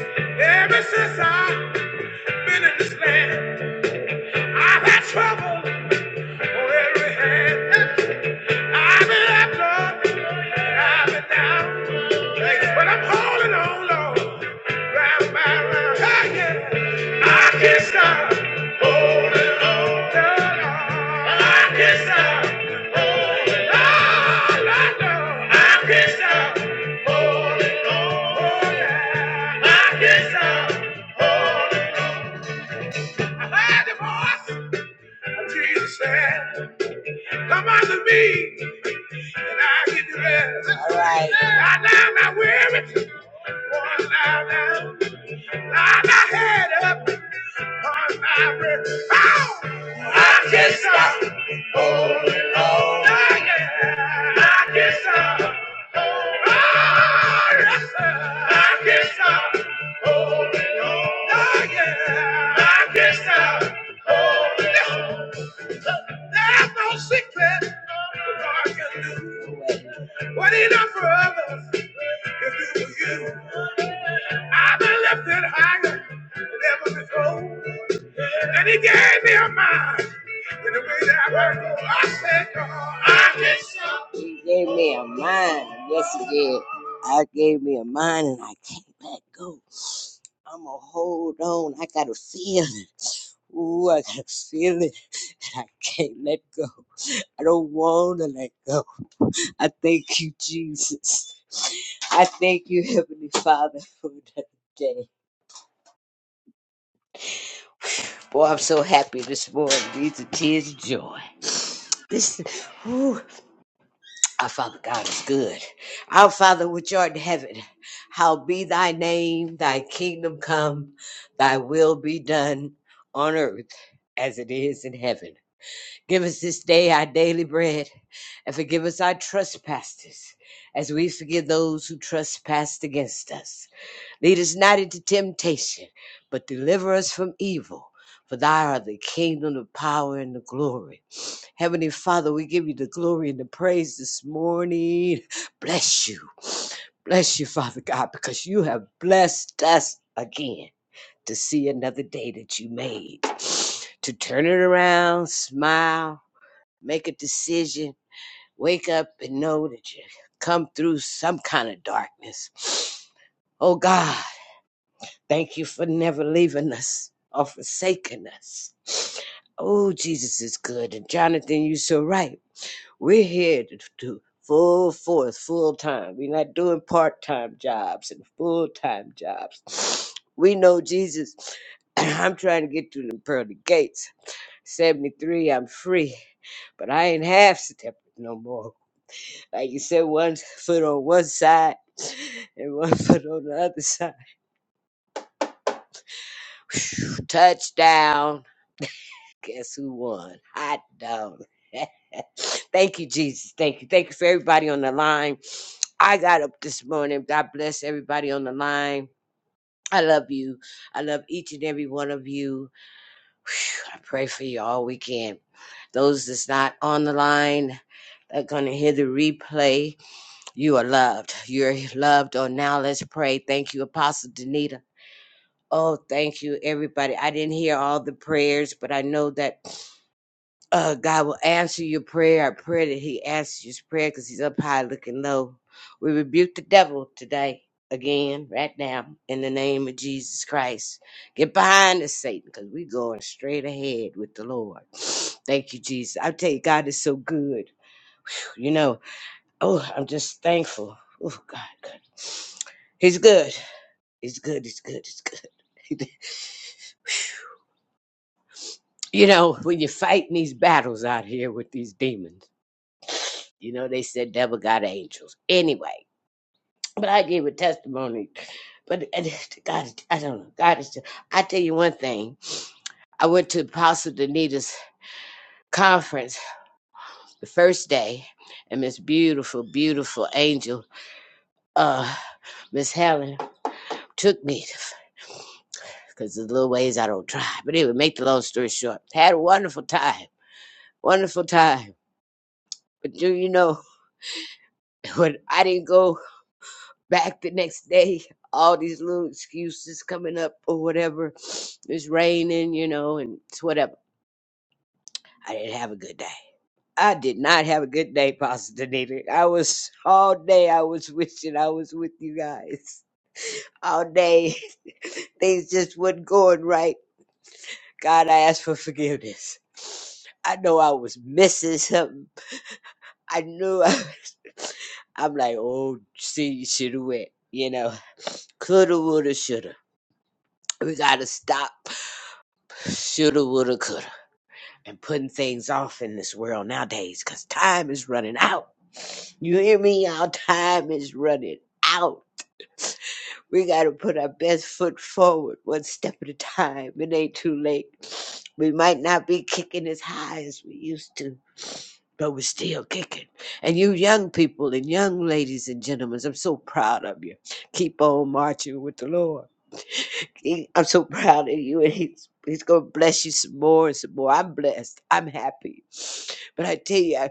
Speaker 5: Ever since I've been in this land. I've had trouble on every hand. I've been up, Lord, and I've been down. But I'm holding on, Lord. Round by round, hey, yeah. I can't stop. holding on, Lord. I can't stop holding on, Lord. I can't stop holding on, Lord. I can't stop holding on. I've had divorce. Jesus said, Come unto me, and I'll give you rest. All right. Lie down, I weary. One lie down, lie thy head up. One lie rest. Oh, I can stop. Holy Lord. Oh, yeah. I can stop. Oh, yes, sir. I can stop. Holy Lord. Oh, yeah. I can stop. Holy Lord. There's no secret God can do. What he done for others, he'll do for you. I've been lifted higher than ever before. And he gave me a mind in the way that I go. I said, God, I can't stop. He gave me a mind. Yes, he did. I gave me a mind and I can't let go. I'm going to hold on. I got to feel it. Ooh, I got to feel it and I can't let go. I don't want to let go. I thank you, Jesus. I thank you, Heavenly Father, for another day. Boy, I'm so happy this morning. These are tears of joy. This, whew, our Father God is good. Our Father which art in heaven, how be thy name, thy kingdom come, thy will be done on earth as it is in heaven. Give us this day our daily bread, and forgive us our trespasses, as we forgive those who trespass against us. Lead us not into temptation, but deliver us from evil. For thy art the kingdom, the power, and the glory. Heavenly Father, we give you the glory and the praise this morning. Bless you. Bless you, Father God, because you have blessed us again to see another day that you made. To turn it around, smile Make a decision. Wake up and know that you come through some kind of darkness. Oh God, thank you for never leaving us or forsaking us. Oh, Jesus is good. And Jonathan, you're so right. We're here to do full force, full time. We're not doing part time jobs and full time jobs. We know Jesus. I'm trying to get through the pearly gates. 73, I'm free, but I ain't half stepping no more. Like you said, one foot on one side and one foot on the other side. Whew, Touchdown. Guess who won? Hot dog. Thank you, Jesus. Thank you. Thank you for everybody on the line. I got up this morning. God bless everybody on the line. I love you. I love each and every one of you. Whew, I pray for you all weekend. Those that's not on the line they're gonna hear the replay, you are loved. You're loved on now. Let's pray. Thank you, Apostle Danita. Oh, thank you, everybody. I didn't hear all the prayers, but I know that uh, God will answer your prayer. I pray that He answers your prayer because He's up high looking low. We rebuke the devil today, again, right now, in the name of Jesus Christ. Get behind us, Satan, because we we're going straight ahead with the Lord. Thank you, Jesus. I tell you, God is so good. You know, oh, I'm just thankful. Oh, God, God. He's good. He's good. He's good. He's good. you know, when you're fighting these battles out here with these demons. You know, they said devil got angels. Anyway, but I gave a testimony. But and God, I don't know. God is. just- I tell you one thing. I went to Apostle Danita's conference the first day, and Miss Beautiful, beautiful angel, uh, Miss Helen took me because the little ways I don't try. But anyway, make the long story short, had a wonderful time, wonderful time. But do you know when I didn't go? back the next day. All these little excuses coming up or whatever. It's raining, you know, and it's whatever. I didn't have a good day. I did not have a good day, Pastor Danita. I was all day. I was wishing I was with you guys all day. Things just wasn't going right. God, I asked for forgiveness. I know I was missing something. I knew I was. I'm like, oh, see, you should have went. You know, coulda, woulda, shoulda We gotta stop shoulda, woulda, coulda, and putting things off in this world nowadays, 'cause time is running out. You hear me, y'all? Time is running out. We gotta put our best foot forward, one step at a time. It ain't too late. We might not be kicking as high as we used to, but we're still kicking. And you young people and young ladies and gentlemen, I'm so proud of you. Keep on marching with the Lord. He- I'm so proud of you, and he's he's gonna bless you some more and some more. I'm blessed. I'm happy, but I tell you,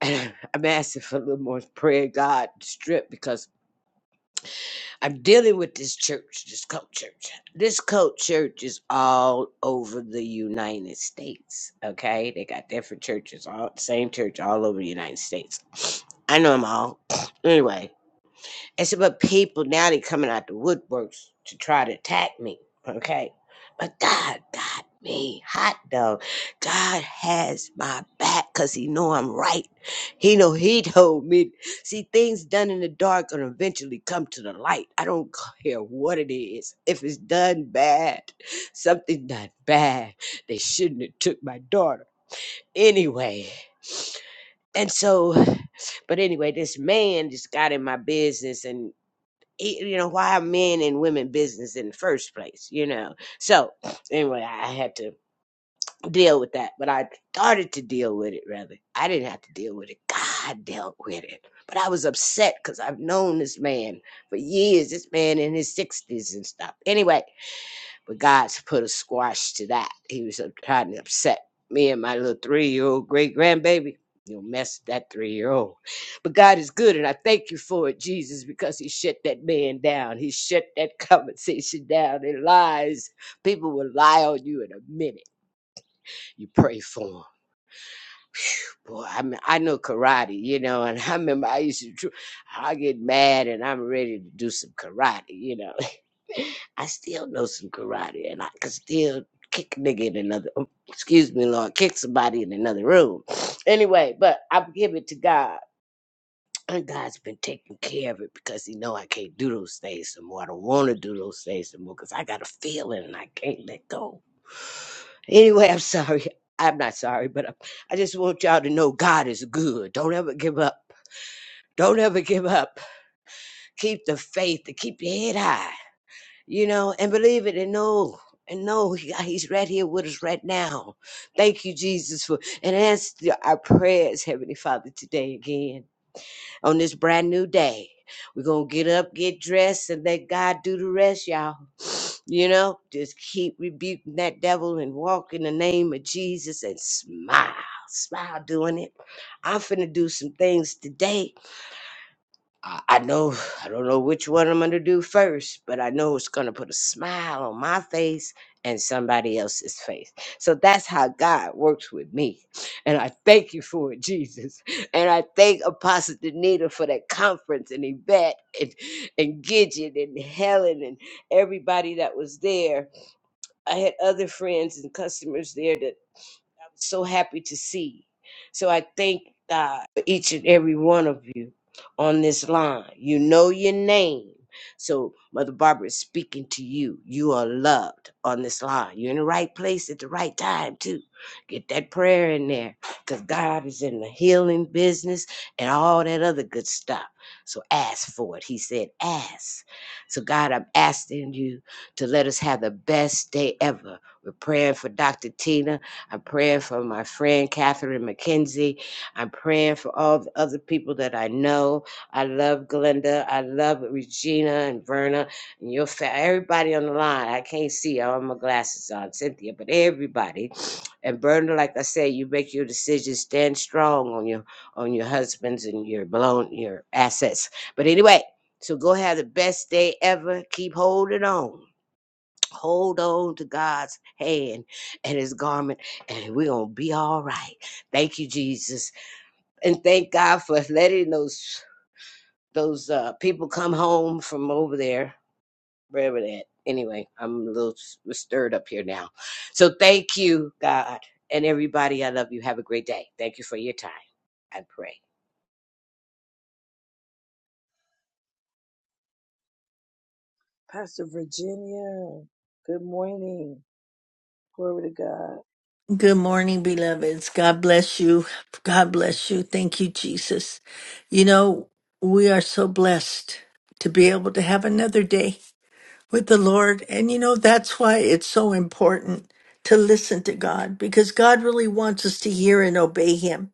Speaker 5: I, I'm asking for a little more prayer, God, strip because I'm dealing with this church, this cult church. This cult church is all over the United States. Okay, they got different churches, all same church all over the United States. I know them all. anyway, it's about people now they coming out the woodworks to try to attack me. Okay. But God got me hot dog. God has my back because he know I'm right. He know he told me. See, things done in the dark gonna eventually come to the light. I don't care what it is. If it's done bad, something done bad, they shouldn't have took my daughter. Anyway. And so, but anyway, this man just got in my business and it- you know why are men and women business in the first place you know so anyway i had to deal with that but i started to deal with it rather i didn't have to deal with it god dealt with it but i was upset because i've known this man for years this man in his 60s and stuff anyway but God's put a squash to that. He was uh, trying to upset me and my little three year old great grandbaby. You'll mess with that three year old. But God is good, and I thank you for it, Jesus, because He shut that man down. He shut that conversation down. It lies. People will lie on you in a minute. You pray for them. Boy, I mean, I know karate, you know, and I remember I used to, I get mad and I'm ready to do some karate, you know. I still know some karate and I can still kick a nigga in another oh, excuse me, Lord, kick somebody in another room. Anyway, but I give it to God. And God's been taking care of it because he know I can't do those things some more. I don't want to do those things some more because I got a feeling and I can't let go. Anyway, I'm sorry. I'm not sorry, but I, I just want y'all to know God is good. Don't ever give up. Don't ever give up. Keep the faith and keep your head high you know, and believe it and know and know he- uh, he's right here with us right now. Thank you, Jesus, for and answer our prayers, Heavenly Father, today again on this brand new day. We're gonna get up, get dressed, and let God do the rest, y'all. You know, just keep rebuking that devil and walk in the name of Jesus and smile, smile doing it. I'm finna do some things today I, I know I don't know which one I'm gonna do first, but I know it's gonna put a smile on my face and somebody else's face. So that's how God works with me. And I thank you for it, Jesus. And I thank Apostle Danita for that conference and Yvette and, and Gidget and Helen and everybody that was there. I had other friends and customers there that so happy to see. So I thank God for each and every one of you on this line. You know your name. So Mother Barbara is speaking to you. You are loved on this line. You're in the right place at the right time, too. Get that prayer in there because God is in the healing business and all that other good stuff. So ask for it. He said, ask. So, God, I'm asking you to let us have the best day ever. We're praying for Dr. Tina. I'm praying for my friend Catherine McKenzie. I'm praying for all the other people that I know. I love Glenda. I love Regina and Verna and your fa- everybody on the line. I can't see. I have my glasses on, Cynthia, but everybody. And Verna, like I said, you make your decisions. Stand strong on your on your husbands and your blown your assets. But anyway, so go have the best day ever. Keep holding on hold on to God's hand and his garment, and we're gonna be all right. Thank you, Jesus. And thank God for letting those those uh people come home from over there, wherever that. Anyway, I'm a little s- stirred up here now. So thank you, God, and everybody. I love you. Have a great day. Thank you for your time. I pray.
Speaker 1: Pastor Virginia. Good morning. Glory to God.
Speaker 6: Good morning, beloveds. God bless you. God bless you. Thank you, Jesus. You know, we are so blessed to be able to have another day with the Lord. And you know, that's why it's so important to listen to God because God really wants us to hear and obey Him.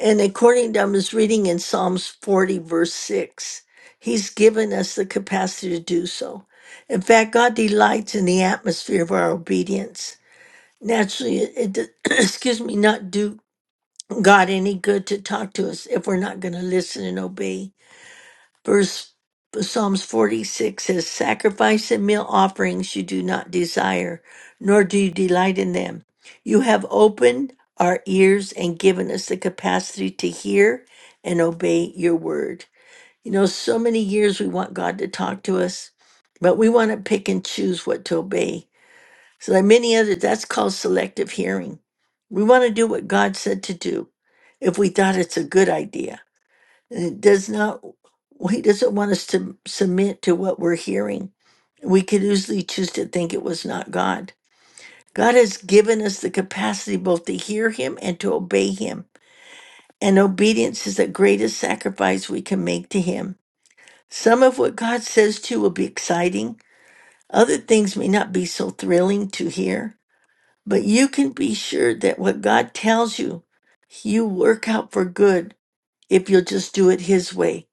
Speaker 6: And according to I was reading in Psalms 40, verse 6, He's given us the capacity to do so. In fact, God delights in the atmosphere of our obedience naturally it, it does, excuse me not do god any good to talk to us if we're not going to listen and obey verse psalms 46 says sacrifice and meal offerings you do not desire nor do you delight in them you have opened our ears and given us the capacity to hear and obey your word you know so many years we want god to talk to us but we want to pick and choose what to obey so like many others, that's called selective hearing. We want to do what God said to do if we thought it's a good idea. And it does not he doesn't want us to submit to what we're hearing. We could easily choose to think it was not God. God has given us the capacity both to hear him and to obey him. And obedience is the greatest sacrifice we can make to him. Some of what God says to will be exciting. Other things may not be so thrilling to hear. But you can be sure that what God tells you, you work out for good if you'll just do it His way.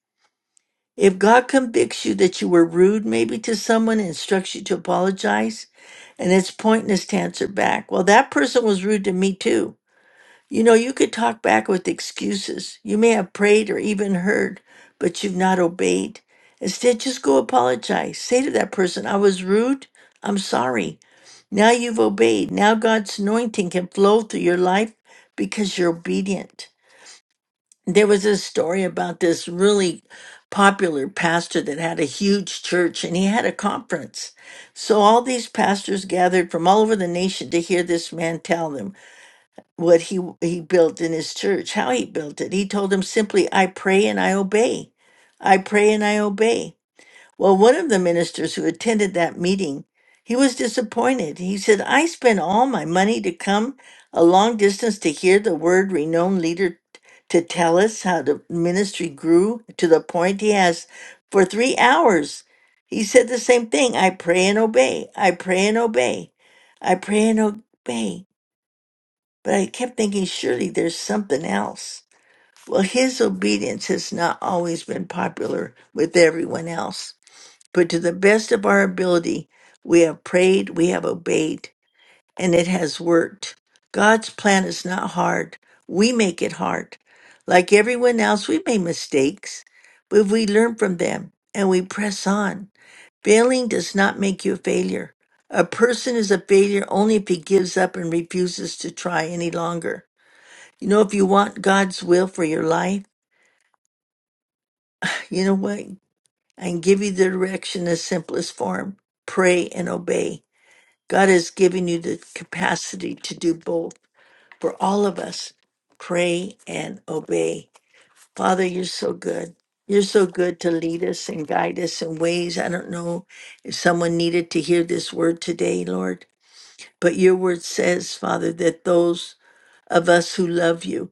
Speaker 6: If God convicts you that you were rude, maybe to someone, and instructs you to apologize, and it's pointless to answer back, well, that person was rude to me too. You know, you could talk back with excuses. You may have prayed or even heard, but you've not obeyed. Instead, just go apologize. Say to that person, I was rude. I'm sorry. Now you've obeyed. Now God's anointing can flow through your life because you're obedient. There was a story about this really popular pastor that had a huge church and he had a conference. So all these pastors gathered from all over the nation to hear this man tell them what he he built in his church, how he built it. He told them simply, "I pray and I obey. I pray and I obey." Well, one of the ministers who attended that meeting, he was disappointed. He said, "I spent all my money to come a long distance to hear the word renowned leader to tell us how the ministry grew to the point he has for 3 hours." He said the same thing, "I pray and obey. I pray and obey. I pray and obey." But I kept thinking, surely there's something else. Well, his obedience has not always been popular with everyone else. But to the best of our ability, we have prayed, we have obeyed, and it has worked. God's plan is not hard. We make it hard. Like everyone else, we made mistakes, but we learn from them and we press on. Failing does not make you a failure. A person is a failure only if he gives up and refuses to try any longer. You know, if you want God's will for your life, you know what? I can give you the direction in the simplest form pray and obey. God has given you the capacity to do both for all of us pray and obey. Father, you're so good. You're so good to lead us and guide us in ways. I don't know if someone needed to hear this word today, Lord, but your word says, Father, that those of us who love you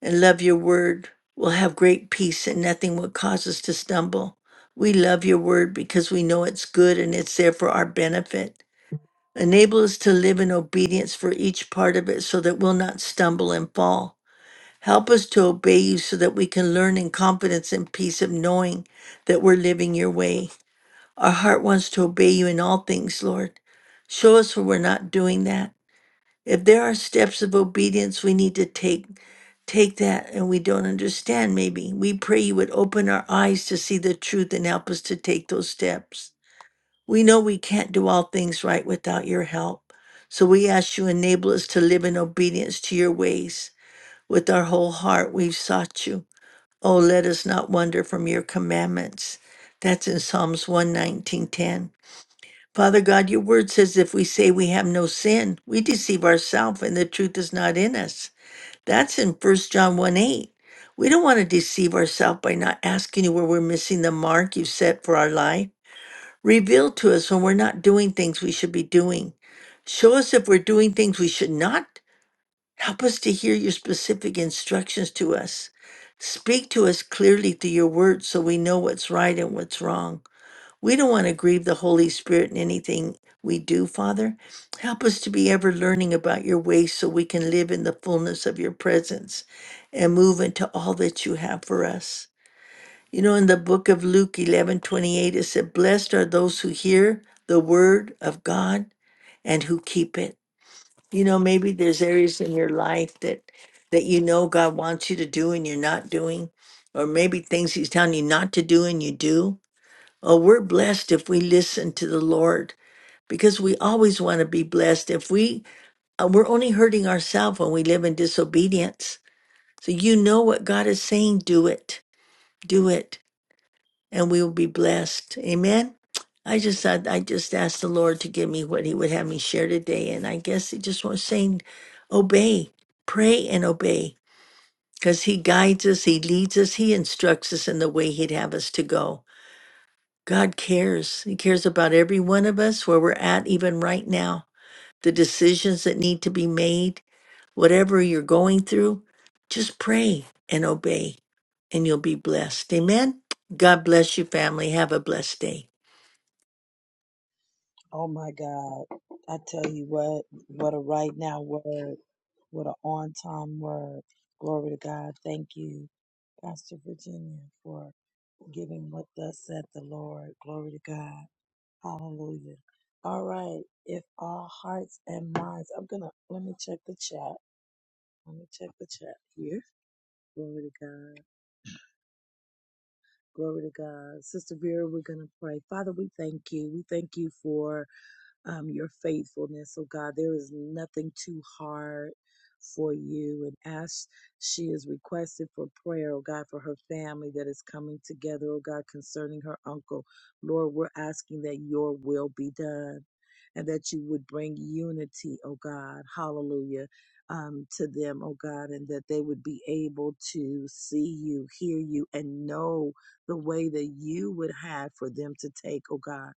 Speaker 6: and love your word will have great peace and nothing will cause us to stumble. We love your word because we know it's good and it's there for our benefit. Enable us to live in obedience for each part of it so that we'll not stumble and fall. Help us to obey you so that we can learn in confidence and peace of knowing that we're living your way. Our heart wants to obey you in all things, Lord. Show us when we're not doing that. If there are steps of obedience we need to take, take that and we don't understand, maybe. We pray you would open our eyes to see the truth and help us to take those steps. We know we can't do all things right without your help. So we ask you enable us to live in obedience to your ways. With our whole heart we've sought you. Oh, let us not wander from your commandments. That's in Psalms 119:10. Father God, your word says if we say we have no sin, we deceive ourselves and the truth is not in us. That's in First John 1 8. We don't want to deceive ourselves by not asking you where we're missing the mark you have set for our life. Reveal to us when we're not doing things we should be doing. Show us if we're doing things we should not. Help us to hear your specific instructions to us. Speak to us clearly through your word so we know what's right and what's wrong. We don't want to grieve the Holy Spirit in anything we do, Father. Help us to be ever learning about your ways so we can live in the fullness of your presence and move into all that you have for us. You know, in the book of Luke eleven twenty eight, it said, Blessed are those who hear the word of God and who keep it. You know, maybe there's areas in your life that that you know God wants you to do and you're not doing, or maybe things He's telling you not to do and you do. Oh, we're blessed if we listen to the Lord because we always want to be blessed. If we uh, we're only hurting ourselves when we live in disobedience. So you know what God is saying, do it, do it and we will be blessed. Amen. I just I, I just asked the Lord to give me what He would have me share today, and I guess He just was saying, obey, pray, and obey, because He guides us, He leads us, He instructs us in the way He'd have us to go. God cares. He cares about every one of us where we're at, even right now. The decisions that need to be made, whatever you're going through, just pray and obey, and you'll be blessed. Amen. God bless you, family. Have a blessed day.
Speaker 1: Oh my God. I tell you what, what a right now word. What a on time word. Glory to God. Thank you, Pastor Virginia, for giving what thus said the Lord. Glory to God. Hallelujah. All right. If all hearts and minds, I'm going to, let me check the chat. Let me check the chat here. Glory to God. Glory to God. Sister Vera, we're going to pray. Father, we thank you. We thank you for um, your faithfulness. Oh God, there is nothing too hard for you. And as she is requested for prayer, oh God, for her family that is coming together, oh God, concerning her uncle, Lord, we're asking that your will be done. And that you would bring unity, oh God, hallelujah, um, to them, oh God, and that they would be able to see you, hear you, and know the way that you would have for them to take, oh God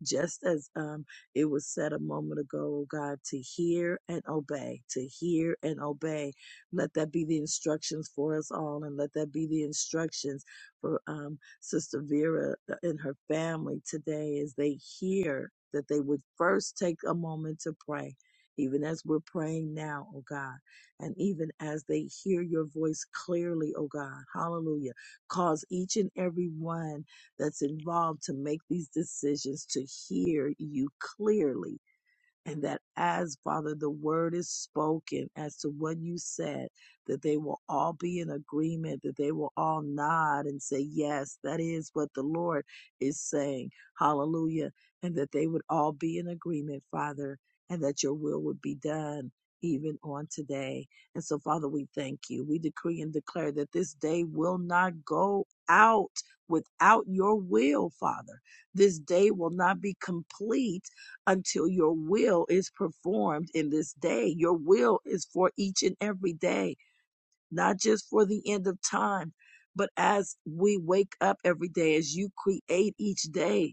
Speaker 1: just as um, it was said a moment ago, oh God, to hear and obey, to hear and obey. Let that be the instructions for us all, and let that be the instructions for um, Sister Vera uh, and her family today as they hear that they would first take a moment to pray. Even as we're praying now, oh God, and even as they hear your voice clearly, oh God, hallelujah, cause each and every one that's involved to make these decisions, to hear you clearly, and that as Father, the word is spoken as to what you said, that they will all be in agreement, that they will all nod and say, Yes, that is what the Lord is saying. Hallelujah. And that they would all be in agreement, Father, and that your will would be done even on today. And so, Father, we thank you. We decree and declare that this day will not go out without your will, Father. This day will not be complete until your will is performed in this day. Your will is for each and every day, not just for the end of time, but as we wake up every day, as you create each day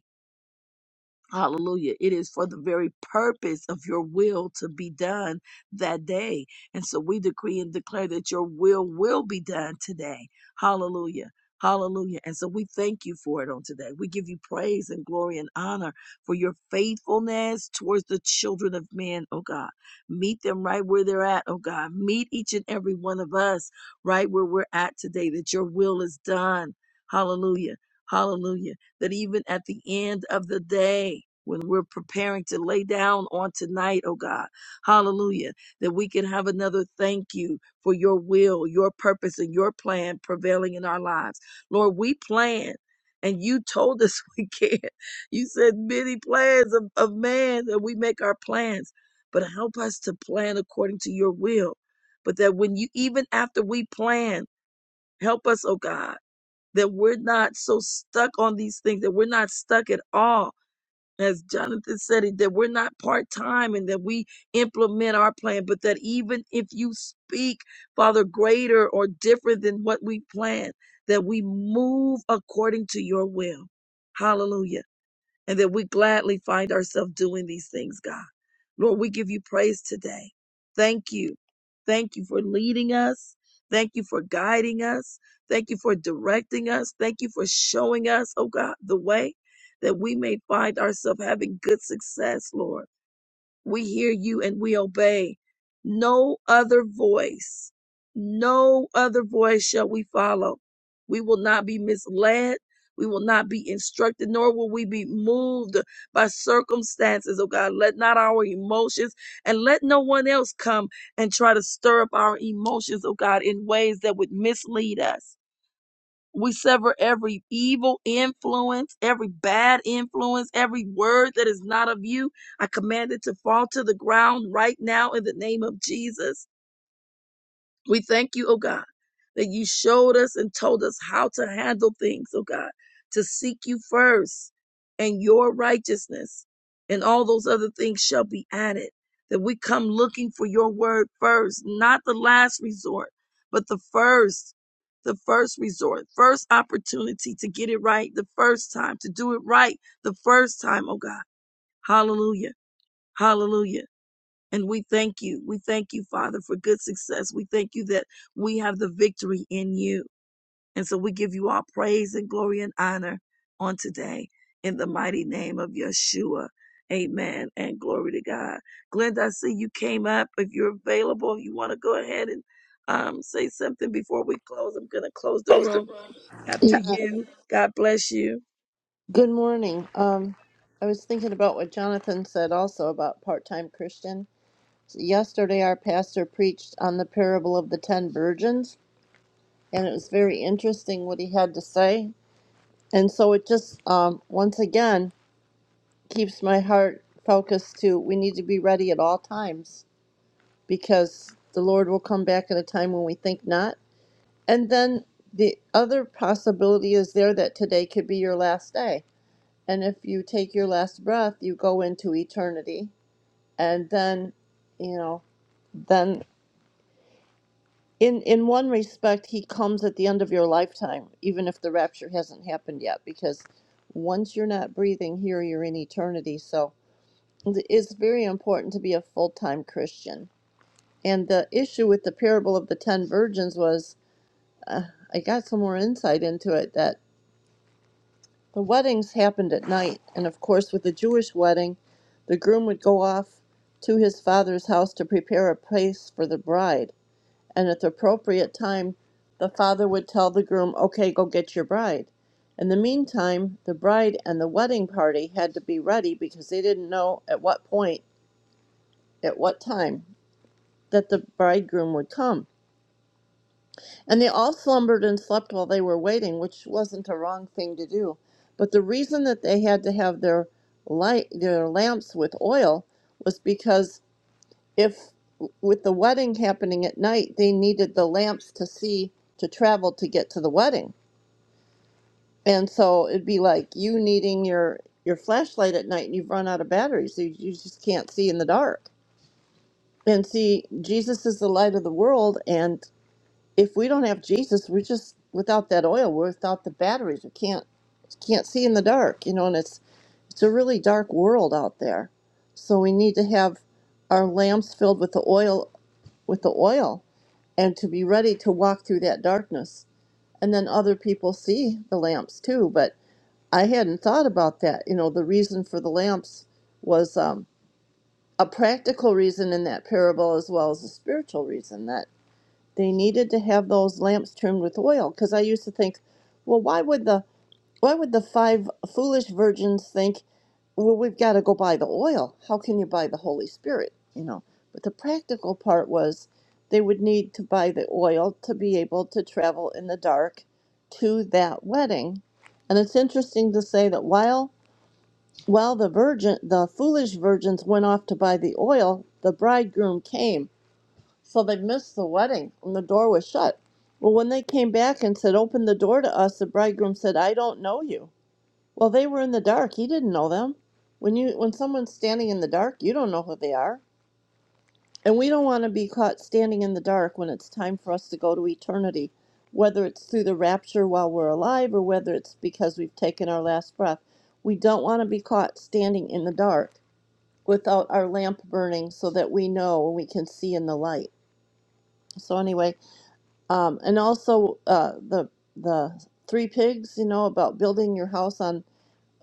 Speaker 1: Hallelujah. It is for the very purpose of your will to be done that day. And so we decree and declare that your will will be done today. Hallelujah. Hallelujah. And so we thank you for it on today. We give you praise and glory and honor for your faithfulness towards the children of men, oh God. Meet them right where they're at, oh God. Meet each and every one of us right where we're at today, that your will is done. Hallelujah. Hallelujah that even at the end of the day, when we're preparing to lay down on tonight, oh God, hallelujah, that we can have another thank you for your will, your purpose, and your plan prevailing in our lives. Lord, we plan. And you told us we can't. You said many plans of, of man that we make our plans, but help us to plan according to your will. But that when you, even after we plan, help us, oh God that we're not so stuck on these things, that we're not stuck at all. As Jonathan said it, that we're not part time and that we implement our plan, but that even if you speak, Father, greater or different than what we planned, that we move according to your will. Hallelujah and that we gladly find ourselves doing these things, God. Lord, we give you praise today. Thank you. Thank you for leading us. Thank you for guiding us. Thank you for directing us. Thank you for showing us, oh God, the way that we may find ourselves having good success, Lord. We hear you and we obey. No other voice, no other voice shall we follow. We will not be misled. We will not be instructed, nor will we be moved by circumstances, oh God. Let not our emotions and let no one else come and try to stir up our emotions, oh God, in ways that would mislead us. We sever every evil influence, every bad influence, every word that is not of you. I command it to fall to the ground right now in the name of Jesus. We thank you, oh God, that you showed us and told us how to handle things, oh God, to seek you first and your righteousness, and all those other things shall be added. That we come looking for your word first, not the last resort, but the first, the first resort, first opportunity to get it right the first time, to do it right the first time, oh God. Hallelujah. Hallelujah. And we thank you. We thank you, Father, for good success. We thank you that we have the victory in you. And so we give you all praise and glory and honor on today in the mighty name of Yeshua. Amen and glory to God. Glenda, I see you came up. If you're available, you want to go ahead and um, say something before we close, I'm going to close the room after
Speaker 7: Yeah.
Speaker 1: you. God bless you.
Speaker 7: Good morning. Um, I was thinking about what Jonathan said also about part time Christian. Yesterday, our pastor preached on the parable of the ten virgins, and it was very interesting what he had to say. And so it just, um, once again, keeps my heart focused to we need to be ready at all times because the Lord will come back at a time when we think not. And then the other possibility is there that today could be your last day And if you take your last breath, you go into eternity. And then, you know, then in in one respect, he comes at the end of your lifetime, even if the rapture hasn't happened yet, because once you're not breathing here, you're in eternity. So it's very important to be a full time Christian. And the issue with the parable of the ten virgins was, I got some more insight into it that The weddings happened at night, and of course, with a Jewish wedding, the groom would go off to his father's house to prepare a place for the bride. And at the appropriate time, the father would tell the groom, Okay, go get your bride. In the meantime, the bride and the wedding party had to be ready because they didn't know at what point, at what time, that the bridegroom would come. And they all slumbered and slept while they were waiting, which wasn't a wrong thing to do. But the reason that they had to have their light their lamps with oil was because if with the wedding happening at night, they needed the lamps to see to travel to get to the wedding. And so it'd be like you needing your your flashlight at night and you've run out of batteries. You, you just can't see in the dark. And see, Jesus is the light of the world, and if we don't have Jesus, we're just without that oil. We're without the batteries. We can't can't see in the dark, you know. And it's it's a really dark world out there. So we need to have our lamps filled with the oil with the oil, and to be ready to walk through that darkness. And then other people see the lamps too. But I hadn't thought about that. You know, the reason for the lamps was um, a practical reason in that parable as well as a spiritual reason. that they needed to have those lamps trimmed with oil because i used to think well why would the why would the five foolish virgins think well we've got to go buy the oil how can you buy the holy spirit you know but the practical part was they would need to buy the oil to be able to travel in the dark to that wedding and it's interesting to say that while while the virgin the foolish virgins went off to buy the oil the bridegroom came so they missed the wedding, and the door was shut. Well, when they came back and said, Open the door to us, the bridegroom said, I don't know you. Well, they were in the dark. He didn't know them. When you when someone's standing in the dark, you don't know who they are. And we don't want to be caught standing in the dark when it's time for us to go to eternity, whether it's through the rapture while we're alive or whether it's because we've taken our last breath. We don't want to be caught standing in the dark without our lamp burning so that we know and we can see in the light. So anyway, um, and also uh, the the three pigs you know about building your house on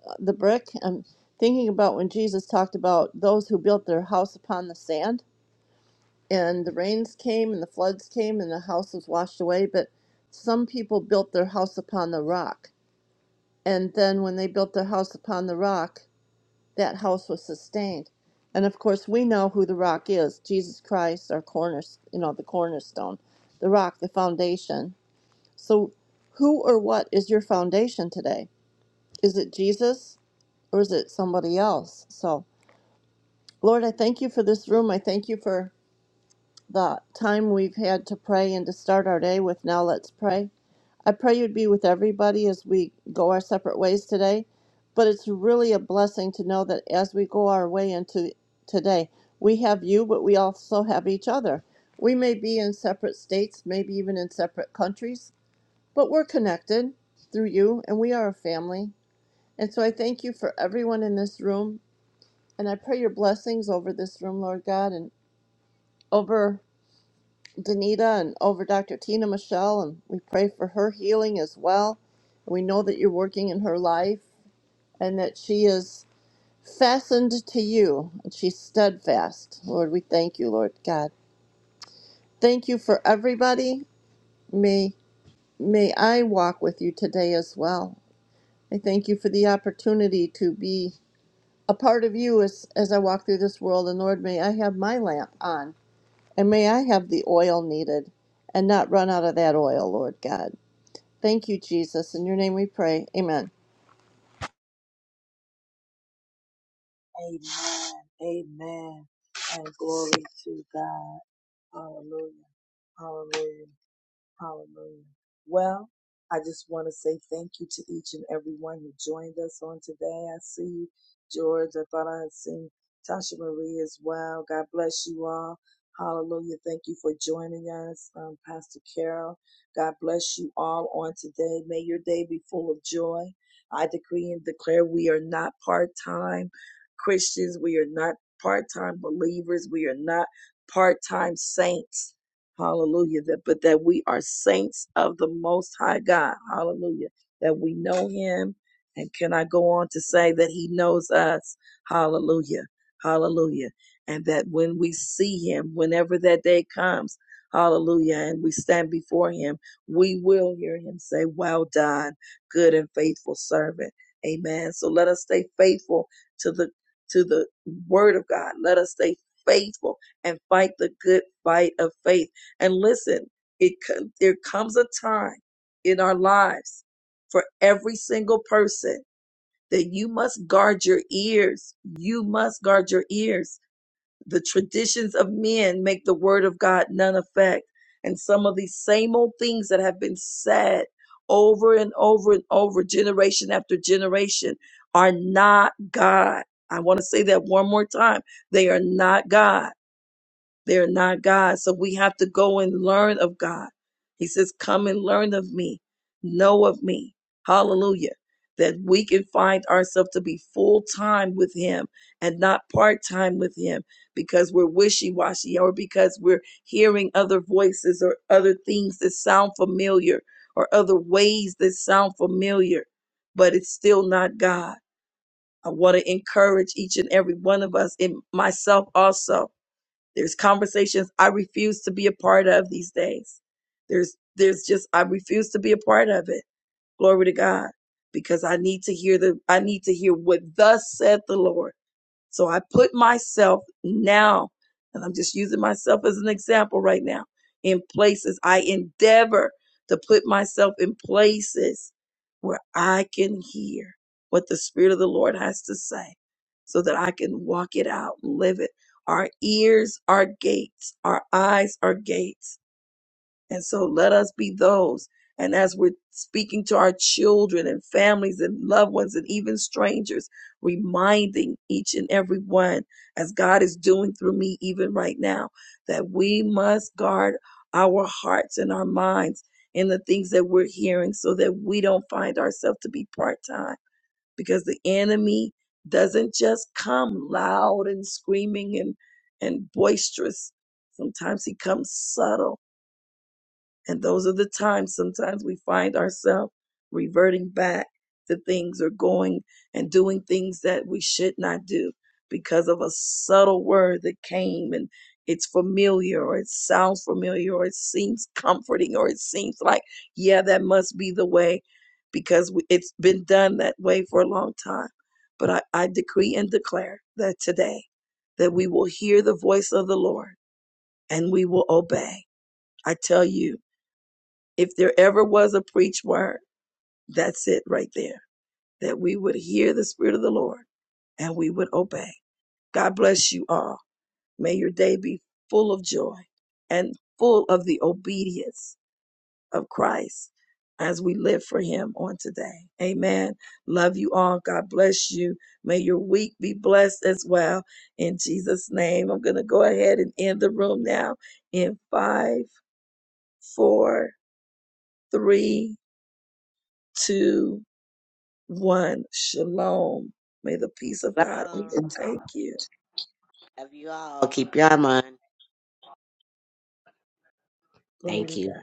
Speaker 7: uh, the brick i'm thinking about when jesus talked about those who built their house upon the sand and the rains came and the floods came and the house was washed away but some people built their house upon the rock and then when they built their house upon the rock that house was sustained and of course we know who the rock is jesus christ our corner you know the cornerstone the rock the foundation so, who or what is your foundation today? Is it Jesus or is it somebody else? So, Lord, I thank you for this room. I thank you for the time we've had to pray and to start our day with Now Let's Pray. I pray you'd be with everybody as we go our separate ways today. But it's really a blessing to know that as we go our way into today, we have you, but we also have each other. We may be in separate states, maybe even in separate countries, but we're connected through you and we are a family. And so I thank you for everyone in this room and I pray your blessings over this room, Lord God, and over Danita and over Dr. Tina Michelle and we pray for her healing as well. We know that you're working in her life and that she is fastened to you and she's steadfast. Lord, we thank you, Lord God. Thank you for everybody. May may I walk with you today as well. I thank you for the opportunity to be a part of you as as I walk through this world, and Lord, may I have my lamp on, and may I have the oil needed, and not run out of that oil, Lord God. Thank you, Jesus. In your name we pray. Amen.
Speaker 1: Amen. Amen. And glory to God. Hallelujah. Hallelujah. Hallelujah. Well, I just want to say thank you to each and every one who joined us on today. I see you, George. I thought I had seen Tasha Marie as well. God bless you all. Hallelujah. Thank you for joining us, um, Pastor Carol. God bless you all on today. May your day be full of joy. I decree and declare we are not part time Christians. We are not part time believers. We are not part time saints Hallelujah. That, but that we are saints of the Most High God. Hallelujah. That we know Him. And can I go on to say that He knows us? Hallelujah. Hallelujah. And that when we see Him, whenever that day comes, Hallelujah. And we stand before Him, we will hear Him say, Well done, good and faithful servant. Amen. So let us stay faithful to the to the word of God. Let us stay faithful and fight the good fight of faith and listen, it co- there comes a time in our lives for every single person that you must guard your ears. You must guard your ears. The traditions of men make the word of God none effect. And some of these same old things that have been said over and over and over, generation after generation, are not God. I want to say that one more time. They are not God. They're not God. So we have to go and learn of God. He says, Come and learn of me, know of me. Hallelujah. That we can find ourselves to be full time with Him and not part time with Him because we're wishy washy or because we're hearing other voices or other things that sound familiar or other ways that sound familiar, but it's still not God. I want to encourage each and every one of us and myself also there's conversations I refuse to be a part of these days. There's there's just I refuse to be a part of it. Glory to God. Because I need to hear the I need to hear what thus said the Lord. So I put myself now, and I'm just using myself as an example right now, in places I endeavor to put myself in places where I can hear what the Spirit of the Lord has to say so that I can walk it out and live it. Our ears are gates, our eyes are gates and so let us be those. And as we're speaking to our children and families and loved ones and even strangers, reminding each and every one, as God is doing through me even right now, that we must guard our hearts and our minds in the things that we're hearing so that we don't find ourselves to be part time. Because the enemy doesn't just come loud and screaming and, and boisterous. Sometimes he comes subtle and those are the times sometimes we find ourselves reverting back to things or going and doing things that we should not do because of a subtle word that came and it's familiar or it sounds familiar or it seems comforting or it seems like, yeah, that must be the way because we- it's been done that way for a long time. But I, I decree and declare that today that we will hear the voice of the Lord and we will obey. I tell you, if there ever was a preached word, that's it right there. That we would hear the Spirit of the Lord and we would obey. God bless you all. May your day be full of joy and full of the obedience of Christ as we live for Him on today. Amen. Love you all. God bless you. May your week be blessed as well. In Jesus' name, I'm going to go ahead and end the room now in five, four, three, two, one. Shalom. May the peace of God
Speaker 5: Shalom.
Speaker 1: overtake you.
Speaker 5: Love you all. Keep your mind.
Speaker 1: Glory to
Speaker 5: Thank you.
Speaker 1: God.